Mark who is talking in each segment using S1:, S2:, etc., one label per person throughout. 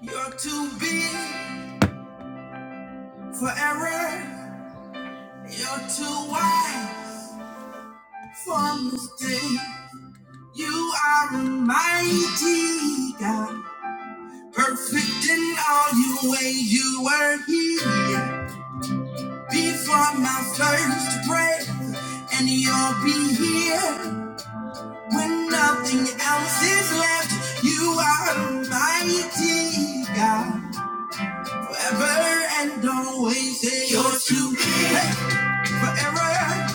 S1: You're too big for error. You're too wide for mistake. You are a mighty God, perfect in all your ways. You were here before my first breath, and you'll be here when nothing else is left. You are a mighty God, forever and always. You're too big for error.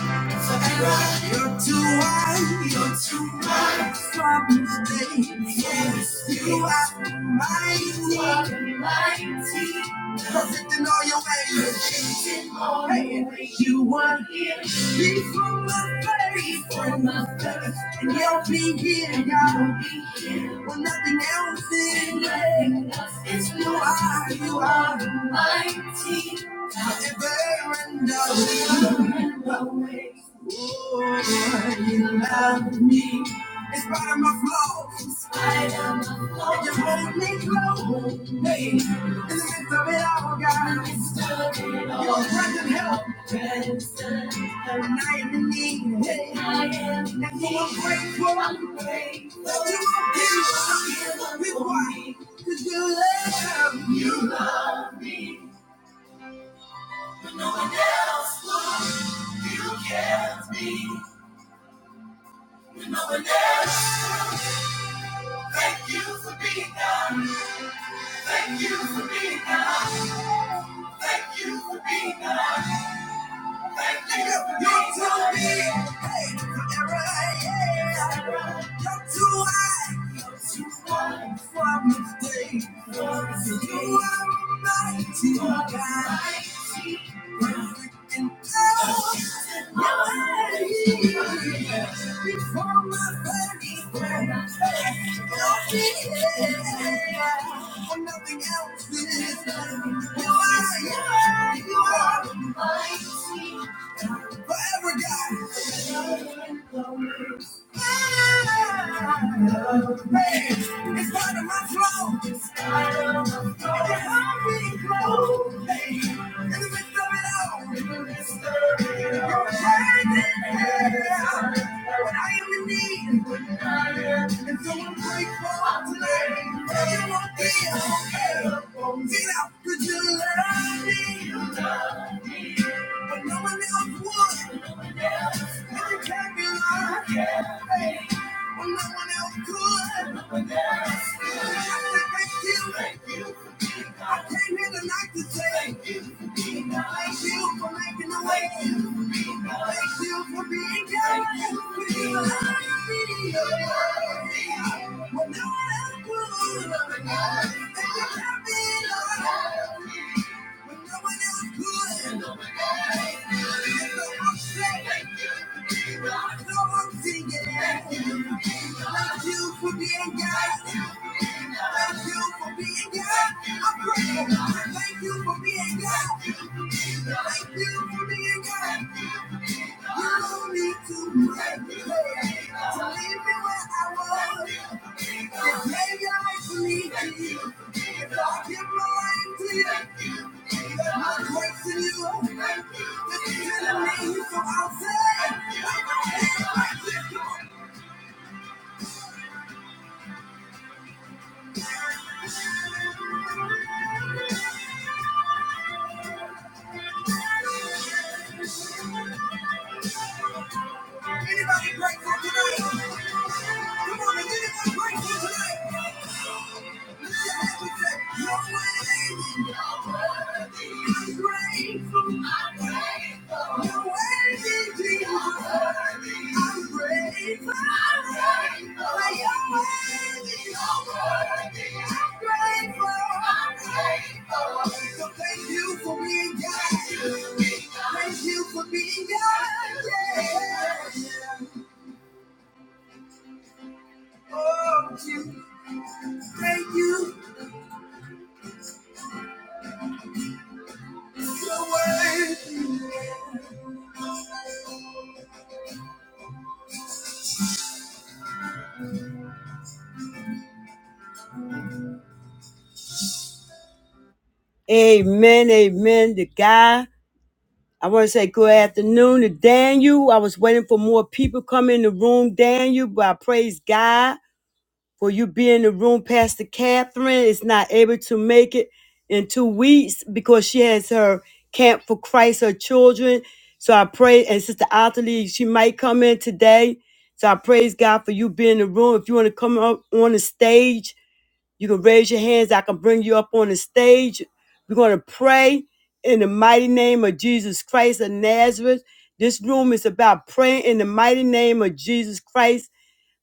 S1: You're too wide, you're too wide for mistakes. Yes, you are mighty, mighty. Perfect in all your ways. In all your ways. You were here before my face, before my face, and you'll be here, God. When nothing else is left, it's you are, you are mighty. Forever and always. Oh, you love me. In spite of my flaws. In spite of my flaws. You hold me close. Hey, in the midst of it all, God. In the midst of it all. You're present help. Present help. And I am in need. Hey. And so I'm need. grateful. I'm grateful. That you are here give me. up. It's why, Cause you love me. You love me. When no one else will. You cares me. No one else. Thank you for being God. Thank you for being God. Thank you for being God. Thank you for being God. You're too big. Hey, forever, yeah. You're too high. You're too high for me. Thank you. You are mighty God. you are, you are, you are mighty. Forever, God. Hey, it's part of my flow. It's part of my flow. Every heartbeat glow. Hey, in the midst of it all. In the midst of it all. Your hand in hand. When I am in need. When I am in need. And so I'm grateful tonight. Everyone be okay. Feel out, could you love me? But no one else would. And you can't be lying. When no one else could. I said, thank you. I came here tonight to say thank you. Thank you for making the way. Thank you for being God. Thank you for loving me. When no one else would. And you can't be lying. When no one else could. When no one else could. And so I'm So singing, thank you Thank you for being God. Thank you for being God. I'm grateful. Thank you for being God. Thank you for being God. You don't need to pray to leave me where I was. Just lay your life to me. If I give my life to you, my grace in you. This is me, so I'll say, Anybody grateful tonight? Come on and get it to break you tonight. Thank you for being God. Yeah. Oh, you Amen, amen. The guy, I want to say good afternoon to Daniel. I was waiting for more people come in the room, Daniel, but I praise God for you being in the room. Pastor Catherine is not able to make it in two weeks because she has her Camp for Christ, her children. So I pray, and Sister Ottilie, she might come in today. So I praise God for you being in the room. If you want to come up on the stage, You can raise your hands. I can bring you up on the stage. We're going to pray in the mighty name of Jesus Christ of Nazareth. This room is about praying in the mighty name of Jesus Christ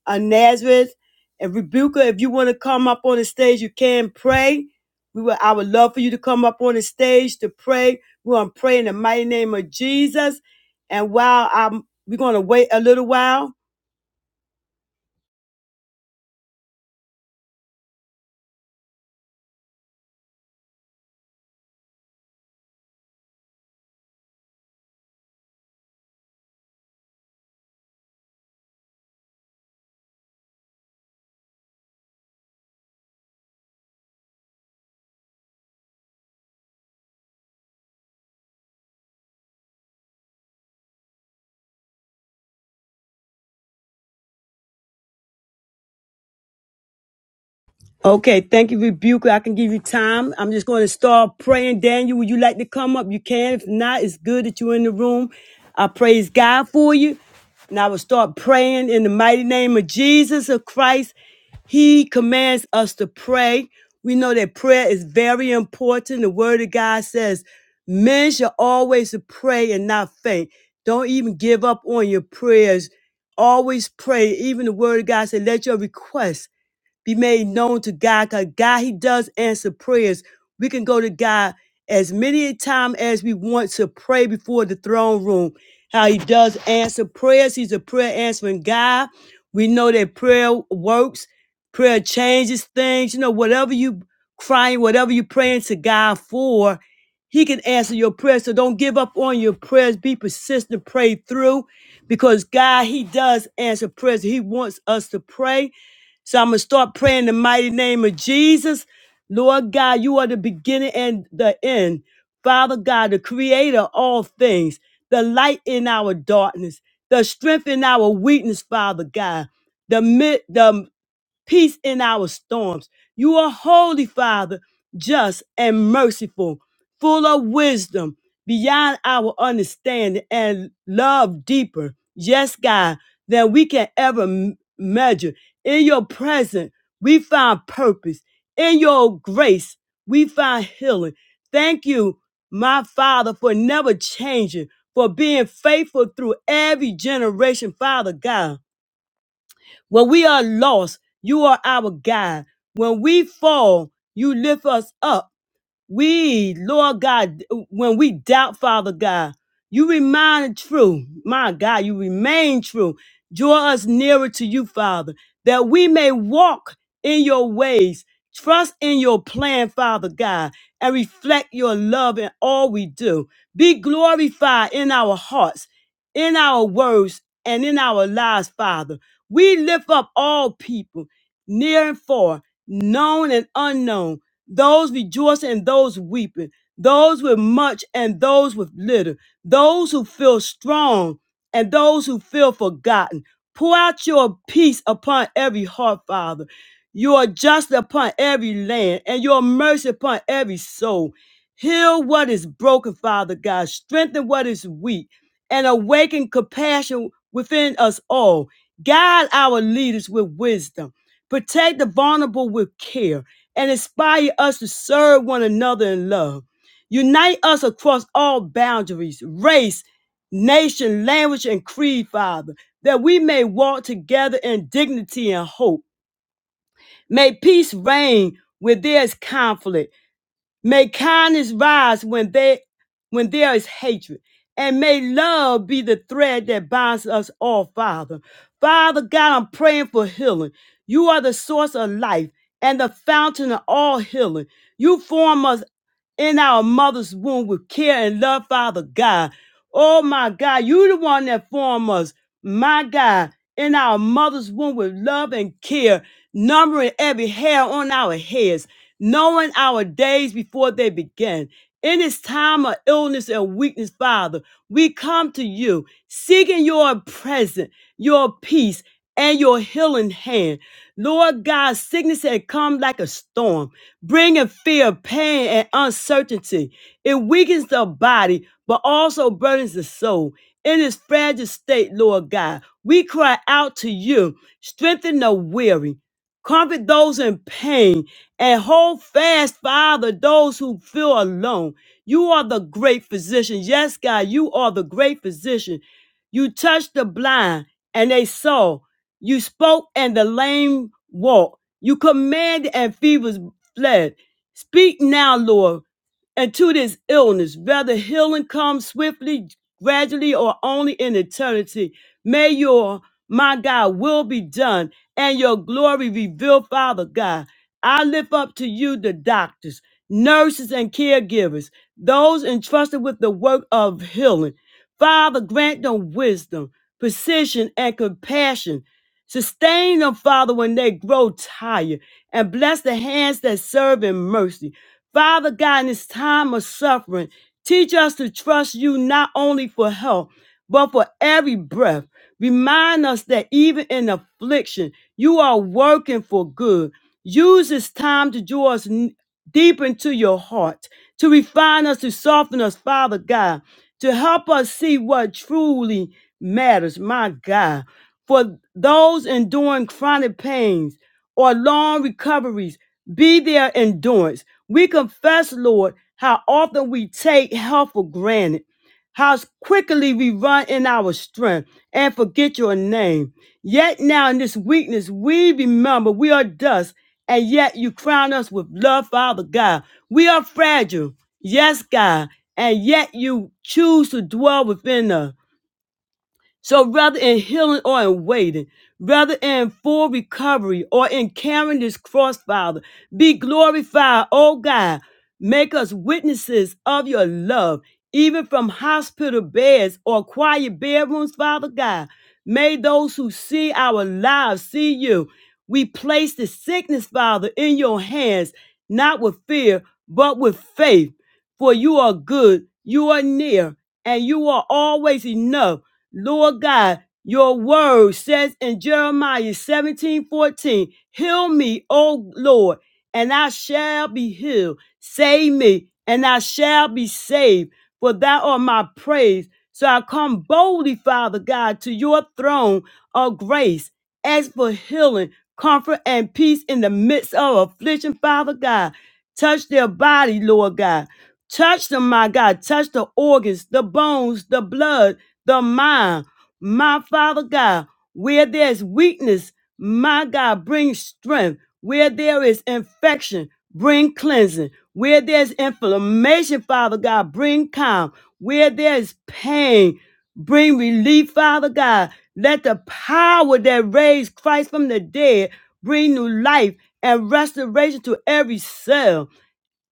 S1: of Nazareth. And Rebuka, if you want to come up on the stage, you can pray. We will, I would love for you to come up on the stage to pray. We're going to pray in the mighty name of Jesus. And while I'm, we're going to wait a little while Okay, thank you, Rebuker. I can give you time. I'm just going to start praying. Daniel, would you like to come up? You can. If not, it's good that you're in the room. I praise God for you. And I will start praying in the mighty name of Jesus of Christ. He commands us to pray. We know that prayer is very important. The word of God says, men shall always pray and not faint. Don't even give up on your prayers. Always pray. Even the word of God said, let your requests be made known to God because God, He does answer prayers. We can go to God as many a time as we want to pray before the throne room. How He does answer prayers. He's a prayer answering God. We know that prayer works, prayer changes things. You know, whatever you crying, whatever you praying to God for, He can answer your prayers. So don't give up on your prayers. Be persistent, pray through because God, He does answer prayers. He wants us to pray. So I'm going to start praying in the mighty name of Jesus. Lord God, you are the beginning and the end. Father God, the creator of all things, the light in our darkness, the strength in our weakness, Father God, the, mid, the peace in our storms. You are holy, Father, just and merciful, full of wisdom beyond our understanding and love deeper. Yes, God, than we can ever m- measure. In your presence, we find purpose. In your grace, we find healing. Thank you, my Father, for never changing, for being faithful through every generation, Father God. When we are lost, you are our God. When we fall, you lift us up. We, Lord God, when we doubt, Father God, you remain true. My God, you remain true. Draw us nearer to you, Father, that we may walk in your ways, trust in your plan, Father God, and reflect your love in all we do. Be glorified in our hearts, in our words, and in our lives, Father. We lift up all people, near and far, known and unknown those rejoicing and those weeping, those with much and those with little, those who feel strong and those who feel forgotten. Pour out your peace upon every heart, Father, your justice upon every land, and your mercy upon every soul. Heal what is broken, Father God, strengthen what is weak, and awaken compassion within us all. Guide our leaders with wisdom, protect the vulnerable with care and inspire us to serve one another in love. Unite us across all boundaries, race, nation, language, and creed, Father, that we may walk together in dignity and hope. May peace reign where there is conflict May kindness rise when they when there is hatred. And may love be the thread that binds us all, Father. Father God, I'm praying for healing. You are the source of life and the fountain of all healing. You form us in our mother's womb with care and love, Father God. Oh my God, you the one that formed us, my God, in our mother's womb with love and care, numbering every hair on our heads knowing our days before they begin. In this time of illness and weakness, Father, we come to you seeking your presence, your peace, and your healing hand. Lord God, sickness had come like a storm, bringing fear, pain, and uncertainty. It weakens the body, but also burdens the soul. In this fragile state, Lord God, we cry out to you, strengthen the weary, comfort those in pain, and hold fast, Father, those who feel alone. You are the great physician. Yes, God, you are the great physician. You touched the blind and they saw. You spoke and the lame walked. You commanded and fevers fled. Speak now, Lord, and to this illness, whether healing comes swiftly, gradually, or only in eternity, may your, my God, will be done and your glory revealed, Father God. I lift up to you the doctors, nurses, and caregivers, those entrusted with the work of healing. Father, grant them wisdom, precision, and compassion. Sustain them, Father, when they grow tired, and bless the hands that serve in mercy. Father God, in this time of suffering, teach us to trust you not only for health, but for every breath. Remind us that even in affliction, you are working for good. Use this time to draw us n- deep into your heart, to refine us, to soften us, Father God, to help us see what truly matters, my God. For those enduring chronic pains or long recoveries, be their endurance. We confess, Lord, how often we take health for granted how quickly we run in our strength and forget your name. Yet now in this weakness, we remember we are dust, and yet you crown us with love, Father God. We are fragile, yes, God, and yet you choose to dwell within us. So rather in healing or in waiting, rather in full recovery or in carrying this cross, Father, be glorified, oh God. Make us witnesses of your love, even from hospital beds or quiet bedrooms, Father God. May those who see our lives see you. We place the sickness, Father, in your hands, not with fear, but with faith. For you are good, you are near, and you are always enough. Lord God, your word says in Jeremiah 17 14, Heal me, O Lord, and I shall be healed. Save me, and I shall be saved, for thou art my praise. So I come boldly, Father God, to your throne of grace. Ask for healing, comfort, and peace in the midst of affliction, Father God. Touch their body, Lord God. Touch them, my God. Touch the organs, the bones, the blood, the mind. My Father God, where there's weakness, my God, bring strength. Where there is infection, bring cleansing. Where there's inflammation, Father God, bring calm. Where there's pain, bring relief, Father God. Let the power that raised Christ from the dead bring new life and restoration to every cell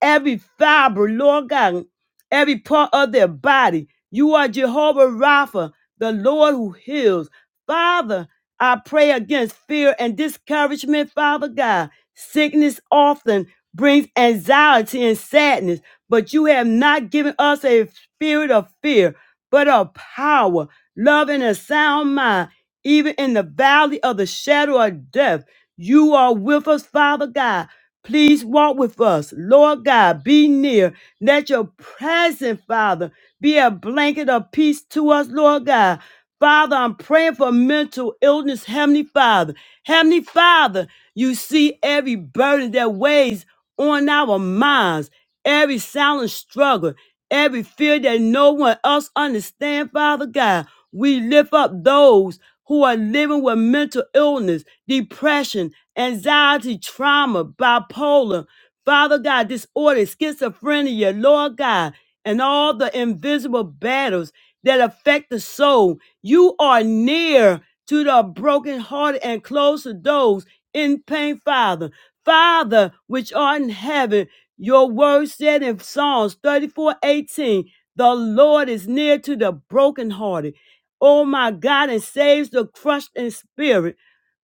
S1: every fiber, Lord God, every part of their body. You are Jehovah Rapha, the Lord who heals. Father, I pray against fear and discouragement, Father God. Sickness often brings anxiety and sadness, but you have not given us a spirit of fear, but of power, love, and a sound mind. Even in the valley of the shadow of death, you are with us, Father God. Please walk with us. Lord God, be near. Let your presence, Father, be a blanket of peace to us, Lord God. Father, I'm praying for mental illness, Heavenly Father. Heavenly Father, you see every burden that weighs on our minds, every silent struggle, every fear that no one else understands, Father God. We lift up those who are living with mental illness, depression, anxiety, trauma, bipolar, Father God, disorder, schizophrenia, Lord God, and all the invisible battles that affect the soul. You are near to the brokenhearted and close to those in pain, Father. Father, which art in heaven, your word said in Psalms 34 18, the Lord is near to the brokenhearted oh my God, and saves the crushed in spirit.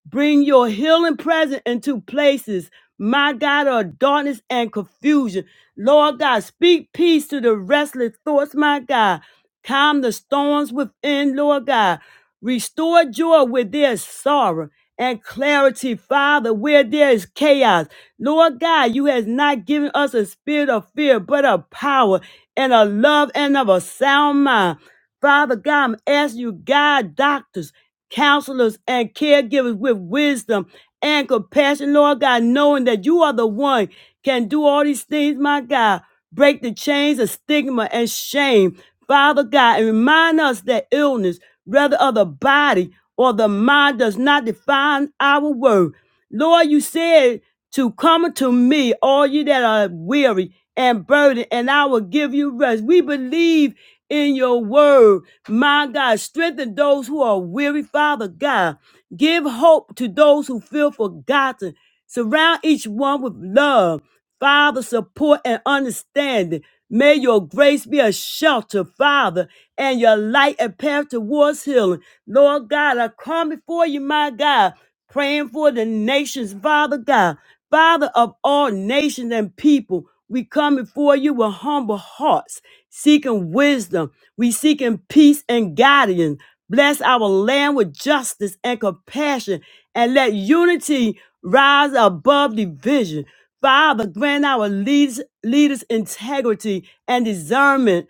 S1: Bring your healing presence into places, my God, of darkness and confusion. Lord God, speak peace to the restless thoughts, my God. Calm the storms within, Lord God. Restore joy where there is sorrow and clarity, Father, where there is chaos. Lord God, you has not given us a spirit of fear, but of power and of love and of a sound mind. Father God, I'm asking you, God, doctors counselors and caregivers with wisdom and compassion, Lord God, knowing that you are the one can do all these things, my God. Break the chains of stigma and shame, Father God, and remind us that illness, whether of the body or the mind, does not define our worth. Lord, you said to come unto me, all you that are weary and burdened, and I will give you rest. We believe in your word. My God, strengthen those who are weary, Father God. Give hope to those who feel forgotten. Surround each one with love, Father, support, and understanding. May your grace be a shelter, Father, and your light a path towards healing. Lord God, I come before you, my God praying for the nations, Father God, Father of all nations and people. We come before you with humble hearts, seeking wisdom. We seeking peace and guidance. Bless our land with justice and compassion, and let unity rise above division. Father, grant our leaders, leaders integrity and discernment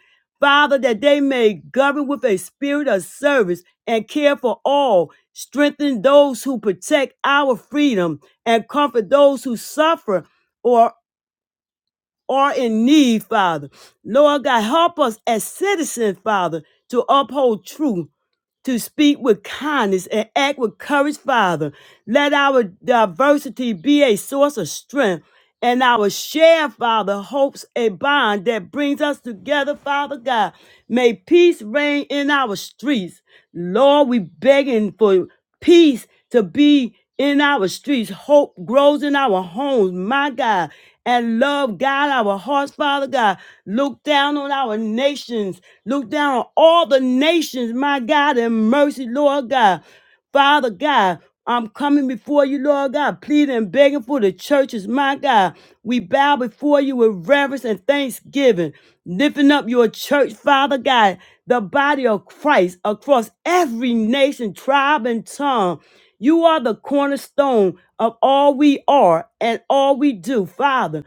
S1: Father, that they may govern with a spirit of service and care for all, strengthen those who protect our freedom, and comfort those who suffer or are in need, Father. Lord God, help us as citizens, Father, to uphold truth, to speak with kindness and act with courage, Father. Let our diversity be a source of strength and our share, Father, hopes a bond that brings us together, Father God. May peace reign in our streets. Lord, we begging for peace to be in our streets. Hope grows in our homes, my God. And love, God, our hearts, Father God. Look down on our nations. Look down on all the nations, my God, and mercy, Lord God. Father God. I'm coming before you, Lord God, pleading and begging for the churches, my God. We bow before you with reverence and thanksgiving, lifting up your church, Father God, the body of Christ across every nation, tribe, and tongue. You are the cornerstone of all we are and all we do, Father.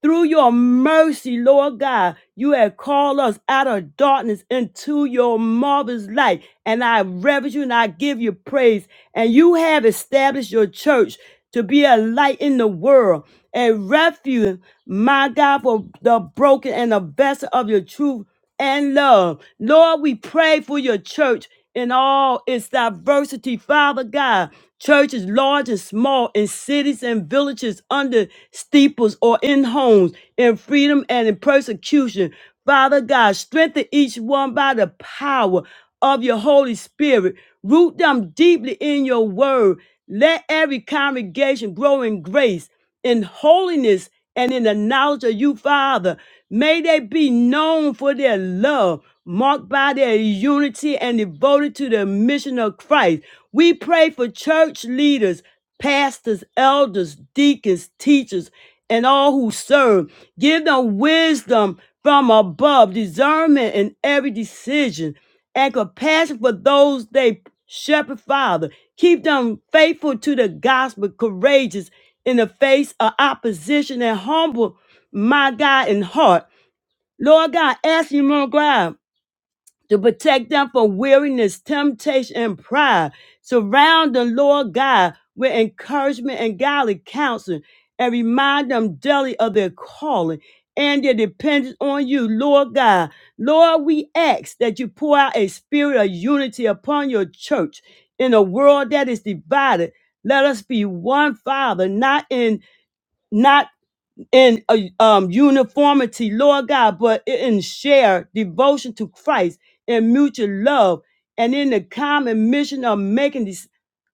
S1: Through your mercy, Lord God, you have called us out of darkness into your marvelous light. And I reverence you and I give you praise. And you have established your church to be a light in the world, a refuge, my God, for the broken and the vessel of your truth and love. Lord, we pray for your church in all its diversity, Father God. Churches large and small, in cities and villages, under steeples or in homes, in freedom and in persecution. Father God, strengthen each one by the power of your Holy Spirit. Root them deeply in your word. Let every congregation grow in grace, in holiness, and in the knowledge of you, Father. May they be known for their love, marked by their unity and devoted to the mission of Christ. We pray for church leaders, pastors, elders, deacons, teachers, and all who serve. Give them wisdom from above, discernment in every decision, and compassion for those they shepherd, Father. Keep them faithful to the gospel, courageous in the face of opposition and humble my God in heart. Lord God, ask you, Lord God, to protect them from weariness, temptation, and pride. Surround the Lord God with encouragement and godly counsel and remind them daily of their calling and their dependence on you, Lord God. Lord, we ask that you pour out a spirit of unity upon your church in a world that is divided. Let us be one, Father, not in not in a, um, uniformity, Lord God, but in shared devotion to Christ and mutual love and in the common mission of making disciples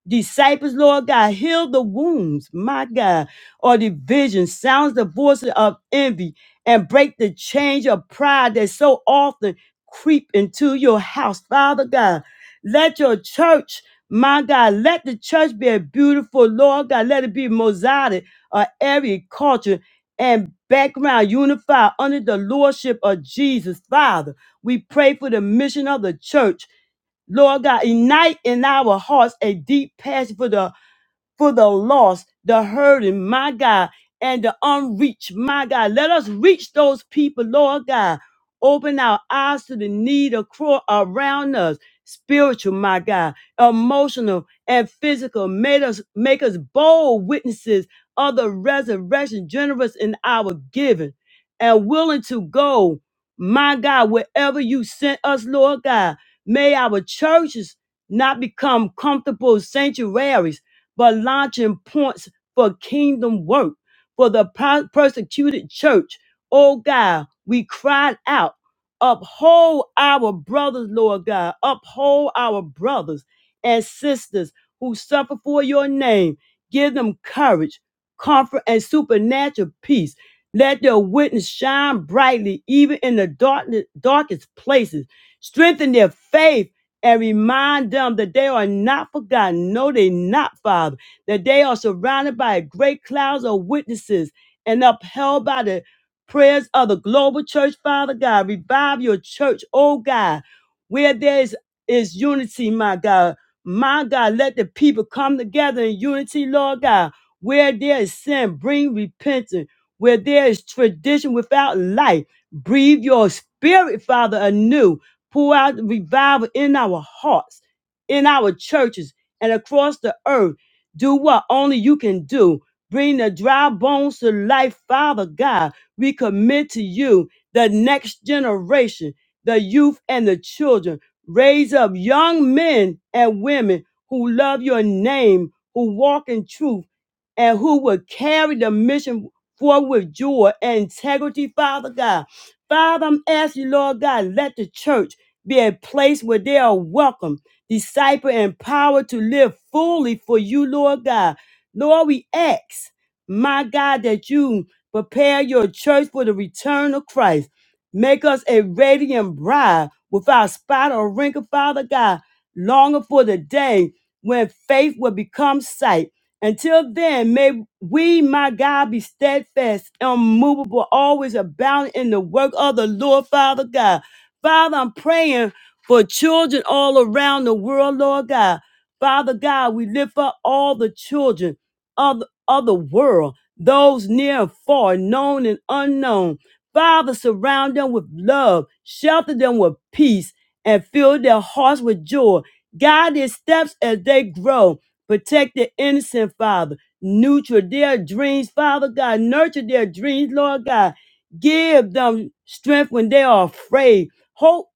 S1: disciples, Lord God. Heal the wounds, my God, or division, sounds the voices of envy, and break the chains of pride that so often creep into your house, Father God. Let your church, my God, let the church be a beautiful, Lord God. Let it be mosaic of every culture and background unified under the lordship of Jesus, Father. We pray for the mission of the church Lord God, ignite in our hearts a deep passion for the for the lost, the hurting, my God, and the unreached, my God. Let us reach those people, Lord God. Open our eyes to the need acro- around us, spiritual, my God, emotional and physical. Make us make us bold witnesses of the resurrection, generous in our giving, and willing to go, my God, wherever you sent us, Lord God. May our churches not become comfortable sanctuaries but launching points for kingdom work for the pro- persecuted church. Oh God, we cried out, uphold our brothers, Lord God, uphold our brothers and sisters who suffer for your name. Give them courage, comfort, and supernatural peace. Let their witness shine brightly, even in the dark, darkest places. Strengthen their faith and remind them that they are not forgotten. No, they're not, Father. That they are surrounded by great clouds of witnesses and upheld by the prayers of the global church, Father God. Revive your church, oh God, where there is, is unity, my God. My God, let the people come together in unity, Lord God. Where there is sin, bring repentance. Where there is tradition without life, breathe your spirit, Father, anew Pour out revival in our hearts, in our churches, and across the earth. Do what only you can do. Bring the dry bones to life, Father God. We commit to you the next generation, the youth and the children. Raise up young men and women who love your name, who walk in truth, and who will carry the mission forward with joy and integrity, Father God. Father, I'm asking, you, Lord God, let the church be a place where they are welcome, disciple, and power to live fully for you, Lord God. Lord, we ask, my God, that you prepare your church for the return of Christ. Make us a radiant bride without spot or wrinkle, Father God, longing for the day when faith will become sight. Until then, may we, my God, be steadfast, unmovable, always abounding in the work of the Lord, Father God. Father, I'm praying for children all around the world, Lord God. Father God, we lift up all the children of, of the world, those near and far, known and unknown. Father, surround them with love, shelter them with peace, and fill their hearts with joy. Guide their steps as they grow. Protect the innocent, Father. Nurture their dreams, Father God. Nurture their dreams, Lord God. Give them strength when they are afraid hope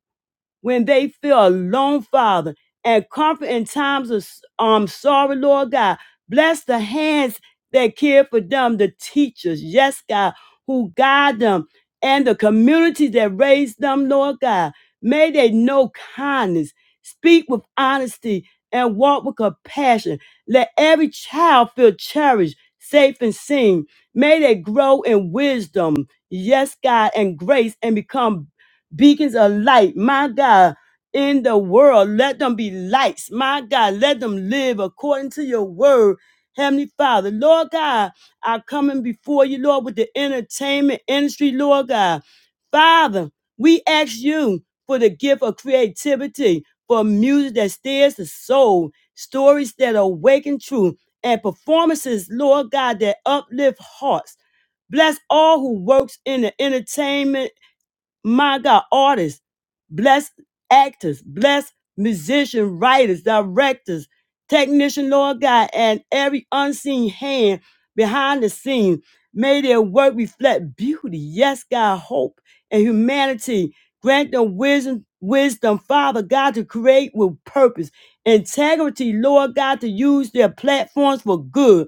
S1: when they feel alone, Father, and comfort in times of um, sorrow, Lord God. Bless the hands that care for them, the teachers, yes, God, who guide them, and the community that raised them, Lord God. May they know kindness, speak with honesty, and walk with compassion. Let every child feel cherished, safe, and seen. May they grow in wisdom, yes, God, and grace, and become beacons of light, my God, in the world. Let them be lights, my God. Let them live according to your word. Heavenly Father, Lord God, I'm coming before you, Lord, with the entertainment industry, Lord God. Father, we ask you for the gift of creativity, for music that stirs the soul, stories that awaken truth, and performances, Lord God, that uplift hearts. Bless all who works in the entertainment my God, artists, bless actors, bless musicians, writers, directors, technician, Lord God, and every unseen hand behind the scene. May their work reflect beauty, yes, God, hope and humanity. Grant them wisdom, wisdom, Father God, to create with purpose, integrity, Lord God, to use their platforms for good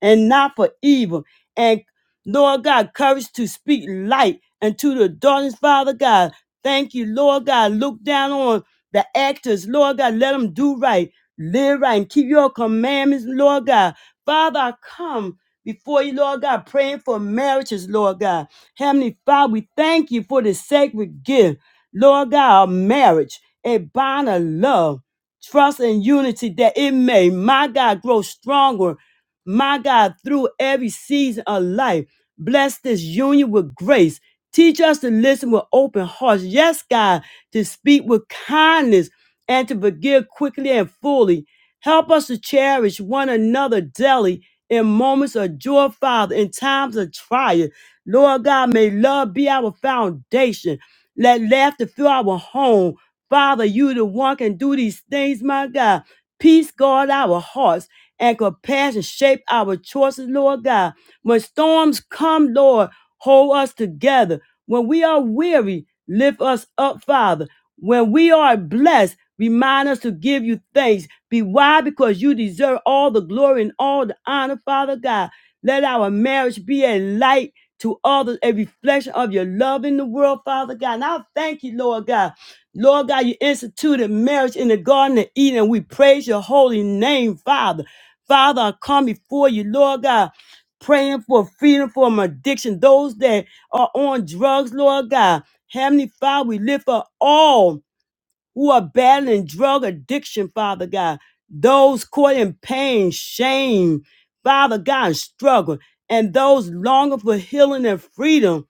S1: and not for evil and. Lord God, courage to speak light into the darkness, Father God. Thank you, Lord God. Look down on the actors, Lord God. Let them do right, live right, and keep your commandments, Lord God. Father, I come before you, Lord God, praying for marriages, Lord God. Heavenly Father, we thank you for the sacred gift, Lord God, of marriage, a bond of love, trust, and unity that it may, my God, grow stronger my God, through every season of life. Bless this union with grace. Teach us to listen with open hearts. Yes, God, to speak with kindness and to forgive quickly and fully. Help us to cherish one another daily in moments of joy, Father, in times of trial. Lord God, may love be our foundation. Let laughter fill our home. Father, you the one can do these things, my God. Peace guard our hearts and compassion shape our choices, Lord God. When storms come, Lord, hold us together. When we are weary, lift us up, Father. When we are blessed, remind us to give you thanks. Be why? Because you deserve all the glory and all the honor, Father God. Let our marriage be a light to others, a reflection of your love in the world, Father God. And I thank you, Lord God. Lord God, you instituted marriage in the Garden of Eden. We praise your holy name, Father. Father, I come before you, Lord God, praying for freedom from addiction. Those that are on drugs, Lord God. Heavenly Father, we lift up all who are battling drug addiction, Father God. Those caught in pain, shame, Father God, and struggle. And those longing for healing and freedom.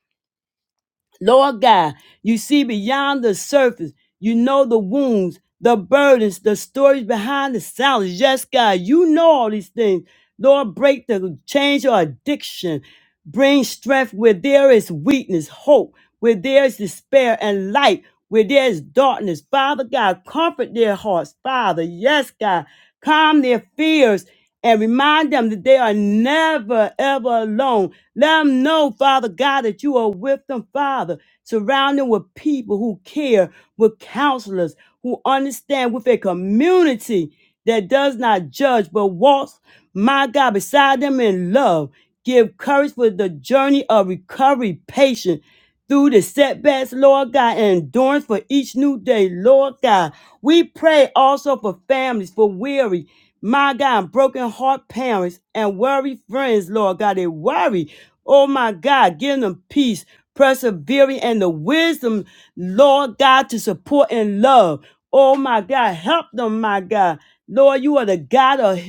S1: Lord God, you see beyond the surface. You know the wounds, the burdens, the stories behind the silence. Yes, God, you know all these things. Lord, break the change or addiction. Bring strength where there is weakness, hope, where there is despair, and light, where there is darkness. Father God, comfort their hearts. Father, yes, God, calm their fears and remind them that they are never, ever alone. Let them know, Father God, that you are with them, Father. Surround them with people who care, with counselors who understand, with a community that does not judge, but walks, my God, beside them in love. Give courage for the journey of recovery, patience, through the setbacks, Lord God, and endurance for each new day, Lord God. We pray also for families, for weary, my God, broken heart parents and worried friends, Lord God. They worry, oh my God, give them peace, persevering, and the wisdom, Lord God, to support and love. Oh my God, help them, my God. Lord, you are the God of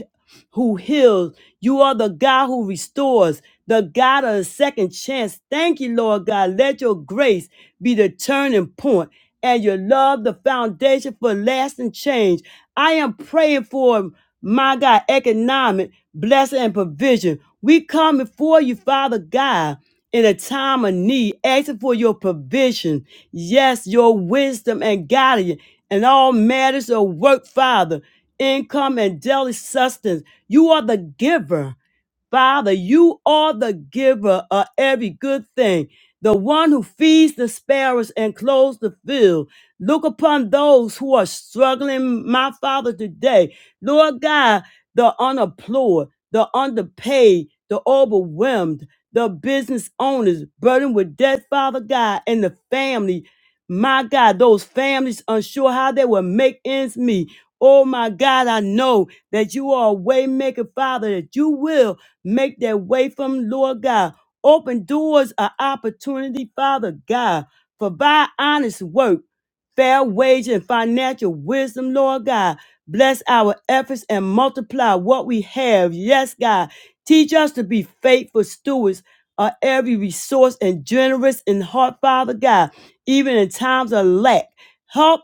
S1: who heals. You are the God who restores, the God of the second chance. Thank you, Lord God. Let your grace be the turning point and your love the foundation for lasting change. I am praying for my God, economic blessing and provision. We come before you, Father God, in a time of need, asking for your provision. Yes, your wisdom and guidance and all matters of work, Father income and daily sustenance. You are the giver. Father, you are the giver of every good thing, the one who feeds the sparrows and clothes the field. Look upon those who are struggling, my Father, today. Lord God, the unemployed, the underpaid, the overwhelmed, the business owners burdened with debt, Father God, and the family. My God, those families unsure how they will make ends meet. Oh my God, I know that you are a way maker, Father, that you will make that way from Lord God. Open doors of opportunity, Father God. Provide honest work, fair wage, and financial wisdom, Lord God. Bless our efforts and multiply what we have. Yes, God. Teach us to be faithful stewards of every resource and generous in heart, Father God, even in times of lack. Help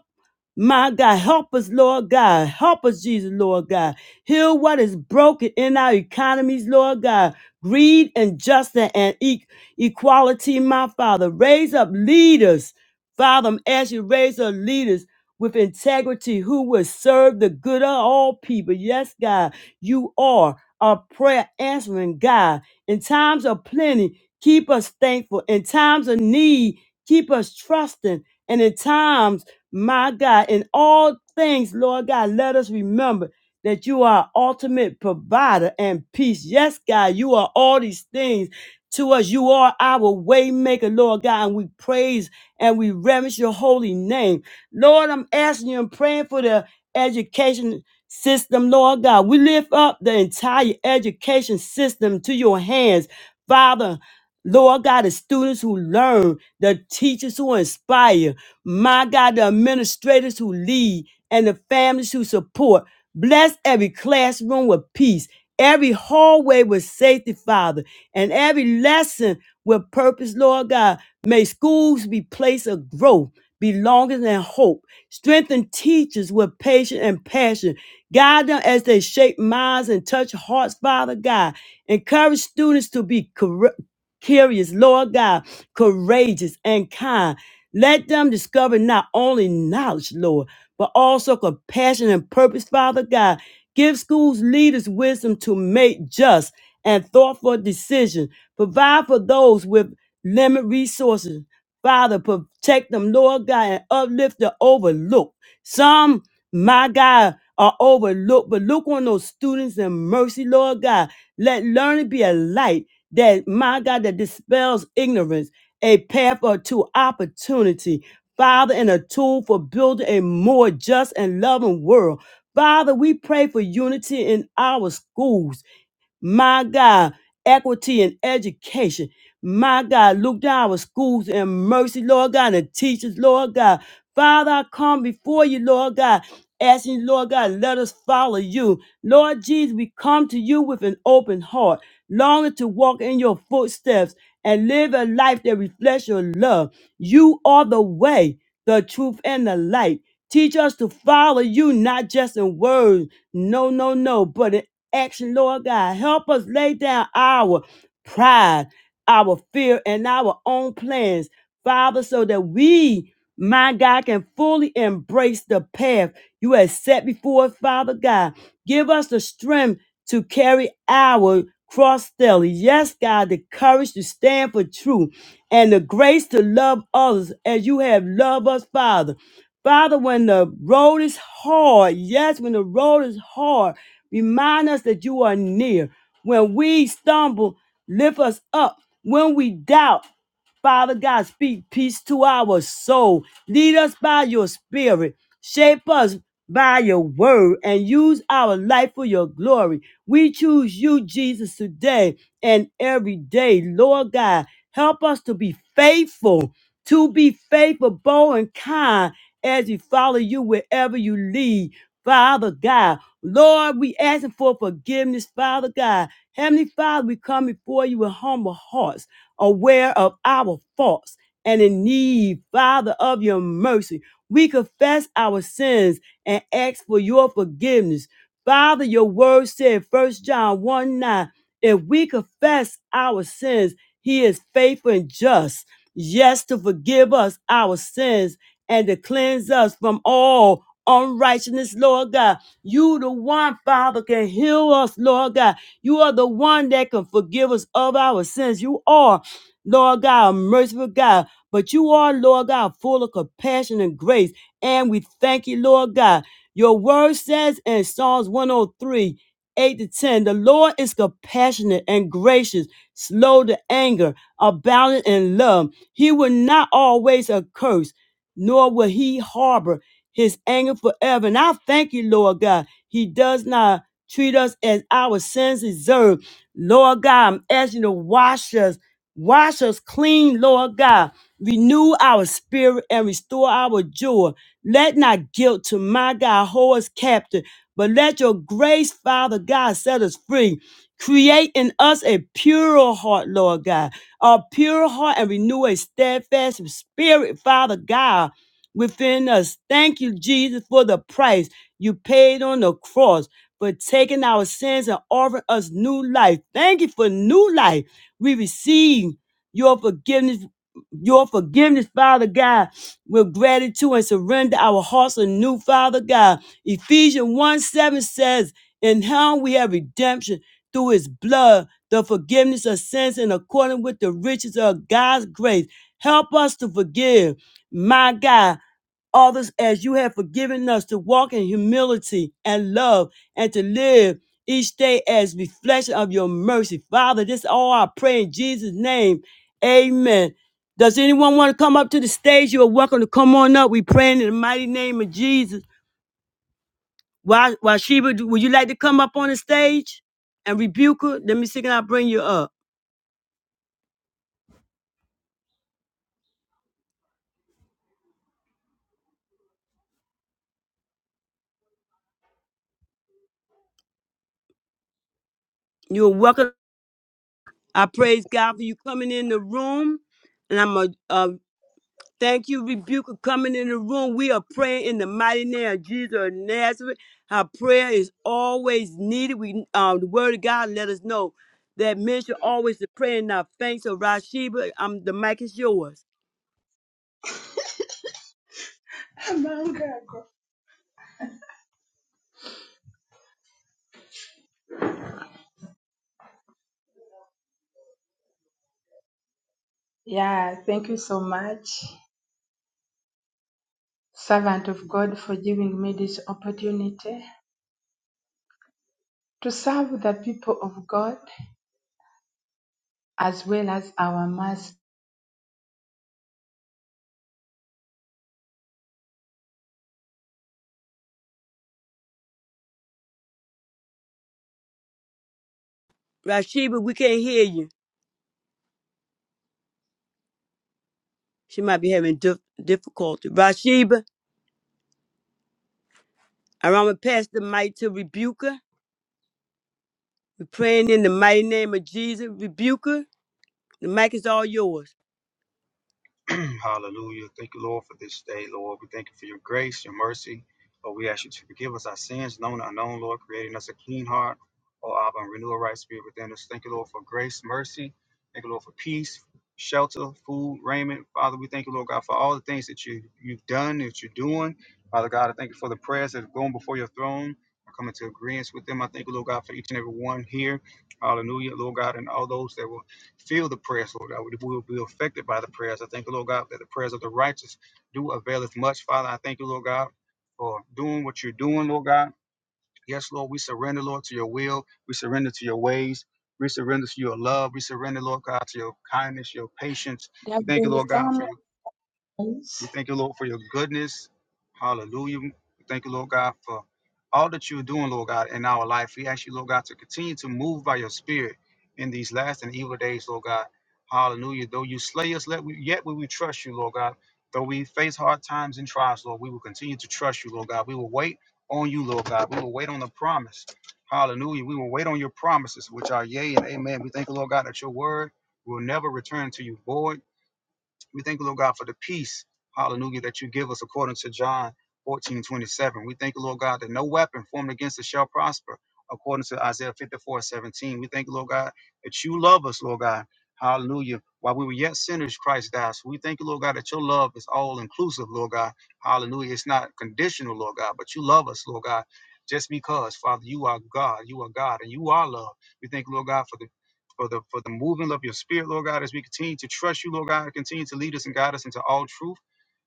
S1: my God, help us, Lord God. Help us, Jesus, Lord God. Heal what is broken in our economies, Lord God. Greed injustice, and e- equality, my Father. Raise up leaders, Father. I'm asking you, raise up leaders with integrity who will serve the good of all people. Yes, God, you are a prayer answering God. In times of plenty, keep us thankful. In times of need, keep us trusting. And in times my God, in all things, Lord God, let us remember that you are ultimate provider and peace. Yes, God, you are all these things to us. You are our waymaker, Lord God, and we praise and we reverence your holy name. Lord, I'm asking you and praying for the education system, Lord God. We lift up the entire education system to your hands, Father. Lord God, the students who learn, the teachers who inspire. My God, the administrators who lead and the families who support. Bless every classroom with peace, every hallway with safety, Father, and every lesson with purpose, Lord God. May schools be place of growth, belonging, and hope. Strengthen teachers with patience and passion. Guide them as they shape minds and touch hearts, Father God. Encourage students to be cur- curious, Lord God, courageous and kind. Let them discover not only knowledge, Lord, but also compassion and purpose, Father God. Give schools leaders wisdom to make just and thoughtful decisions. Provide for those with limited resources. Father, protect them, Lord God, and uplift the overlooked. Some, my God, are overlooked, but look on those students in mercy, Lord God. Let learning be a light that, my God, that dispels ignorance, a path or to opportunity, Father, and a tool for building a more just and loving world. Father, we pray for unity in our schools my God, equity and education. My God, look down our schools and mercy, Lord God, and teachers, Lord God. Father, I come before you, Lord God, asking you, Lord God, let us follow you. Lord Jesus, we come to you with an open heart, longing to walk in your footsteps and live a life that reflects your love. You are the way, the truth, and the light. Teach us to follow you, not just in words, no, no, no, but in action, Lord God. Help us lay down our pride, our fear, and our own plans, Father, so that we, my God, can fully embrace the path you have set before us, Father God. Give us the strength to carry our cross daily. Yes, God, the courage to stand for truth and the grace to love others as you have loved us, Father. Father, when the road is hard, yes, when the road is hard, remind us that you are near. When we stumble, lift us up. When we doubt, Father God, speak peace to our soul. Lead us by your spirit. Shape us by your word and use our life for your glory. We choose you, Jesus, today and every day. Lord God, help us to be faithful, to be faithful, bold, and kind as we follow you wherever you lead. Father God, Lord, we asking for forgiveness, Father God. Heavenly Father, we come before you with humble hearts, aware of our faults and in need, Father, of your mercy. We confess our sins and ask for your forgiveness. Father, your word said, First John 1 9, if we confess our sins, he is faithful and just. Yes, to forgive us our sins and to cleanse us from all unrighteousness, Lord God. You, the one, Father, can heal us, Lord God. You are the one that can forgive us of our sins. You are, Lord God, a merciful God. But you are, Lord God, full of compassion and grace. And we thank you, Lord God. Your word says in Psalms 103, 8 to 10, the Lord is compassionate and gracious, slow to anger, abounding in love. He will not always curse, nor will he harbor his anger forever. And I thank you, Lord God. He does not treat us as our sins deserve. Lord God, I'm asking you to wash us, wash us clean, Lord God. Renew our spirit and restore our joy. Let not guilt to my God hold us captive, but let your grace, Father God, set us free. Create in us a pure heart, Lord God, a pure heart and renew a steadfast spirit, Father God, within us. Thank you, Jesus, for the price you paid on the cross for taking our sins and offering us new life. Thank you for new life. We receive your forgiveness, your forgiveness, Father God with gratitude and surrender our hearts anew, Father God. Ephesians 1 7 says, In him we have redemption through his blood, the forgiveness of sins in accordance with the riches of God's grace. Help us to forgive, my God others as you have forgiven us to walk in humility and love and to live each day as reflection of your mercy. Father, this all I pray in Jesus' name. Amen. Does anyone want to come up to the stage? You are welcome to come on up. We praying in the mighty name of Jesus. Why, why, Sheba, would you like to come up on the stage and rebuke her? Let me see, can I bring you up? You're welcome. I praise God for you coming in the room. And I'm going to Thank you, Rebuker, coming in the room. We are praying in the mighty name of Jesus of Nazareth. Our prayer is always needed. We, um, the Word of God, let us know that men should always to pray and not faint. So, Rashiba, um, the mic is yours.
S2: Yeah, thank you so much, servant of God, for giving me this opportunity to serve the people of God as well as our master.
S1: Rashiba, we can't hear you. She might be having dif- difficulty. Rashiba, I'm gonna pass the mic to Rebuker. We're praying in the mighty name of Jesus. Rebuker, the mic is all yours.
S3: Hallelujah. Thank you, Lord, for this day, Lord. We thank you for your grace, your mercy. Lord, we ask you to forgive us our sins, known and unknown, Lord, creating us a clean heart, O Abba, and renew a right spirit within us. Thank you, Lord, for grace, mercy. Thank you, Lord, for peace, shelter, food, raiment. Father, we thank you, Lord God, for all the things that you, you've done, that you're doing. Father God, I thank you for the prayers that have gone before your throne. I come into agreement with them. I thank you, Lord God, for each and every one here. Hallelujah, Lord God, and all those that will feel the prayers, Lord God. We will be affected by the prayers. I thank you, Lord God, that the prayers of the righteous do avail as much. Father, I thank you, Lord God, for doing what you're doing, Lord God. Yes, Lord, we surrender, Lord, to your will. We surrender to your ways. We surrender to your love. We surrender, Lord God, to your kindness, your patience.
S2: There
S3: We
S2: have
S3: thank you,
S2: been
S3: Lord God, for
S2: some
S3: your
S2: times.
S3: we thank you, Lord, for your goodness. Hallelujah. We thank you, Lord God, for all that you're doing, Lord God, in our life. We ask you, Lord God, to continue to move by your spirit in these last and evil days, Lord God. Hallelujah. Though you slay us, let we, yet will we trust you, Lord God. Though we face hard times and trials, Lord, we will continue to trust you, Lord God. We will wait on you, Lord God. We will wait on the promise. Hallelujah. We will wait on your promises, which are yea and amen. We thank you, Lord God, that your word will never return to you void we thank you, Lord God, for the peace, hallelujah, that you give us according to John 14:27. We thank you, Lord God, that no weapon formed against us shall prosper according to Isaiah 54:17. We thank you, Lord God, that you love us, Lord God. Hallelujah. While we were yet sinners, Christ died. So we thank you, Lord God, that your love is all inclusive, Lord God. Hallelujah. It's not conditional, Lord God, but you love us, Lord God, just because, Father, you are God. You are God and you are love. We thank you, Lord God, for the for the for the movement of your spirit, Lord God, as we continue to trust you, Lord God, continue to lead us and guide us into all truth.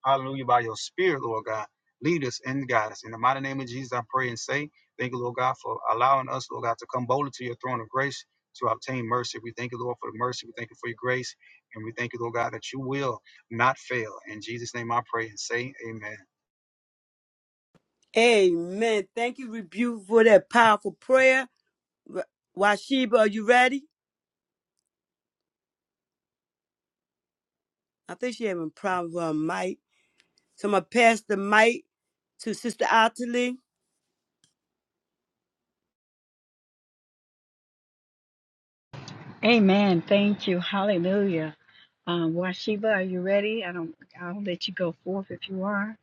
S3: Hallelujah. By your spirit, Lord God. Lead us and guide us. In the mighty name of Jesus, I pray and say, thank you, Lord God, for allowing us, Lord God, to come boldly to your throne of grace to obtain mercy. We thank you, Lord, for the mercy. We thank you for your grace. And we thank you, Lord God, that you will not fail. In Jesus' name I pray and say, Amen.
S1: Amen. Thank you, Rebuker, for that powerful prayer. Wa- Washiba, are you ready? I think she having problems with her mic. So I'm gonna pass the mic to Sister Ottilie.
S4: Amen. Thank you. Hallelujah. Um, Washiba, are you ready? I don't. I'll let you go forth if you are.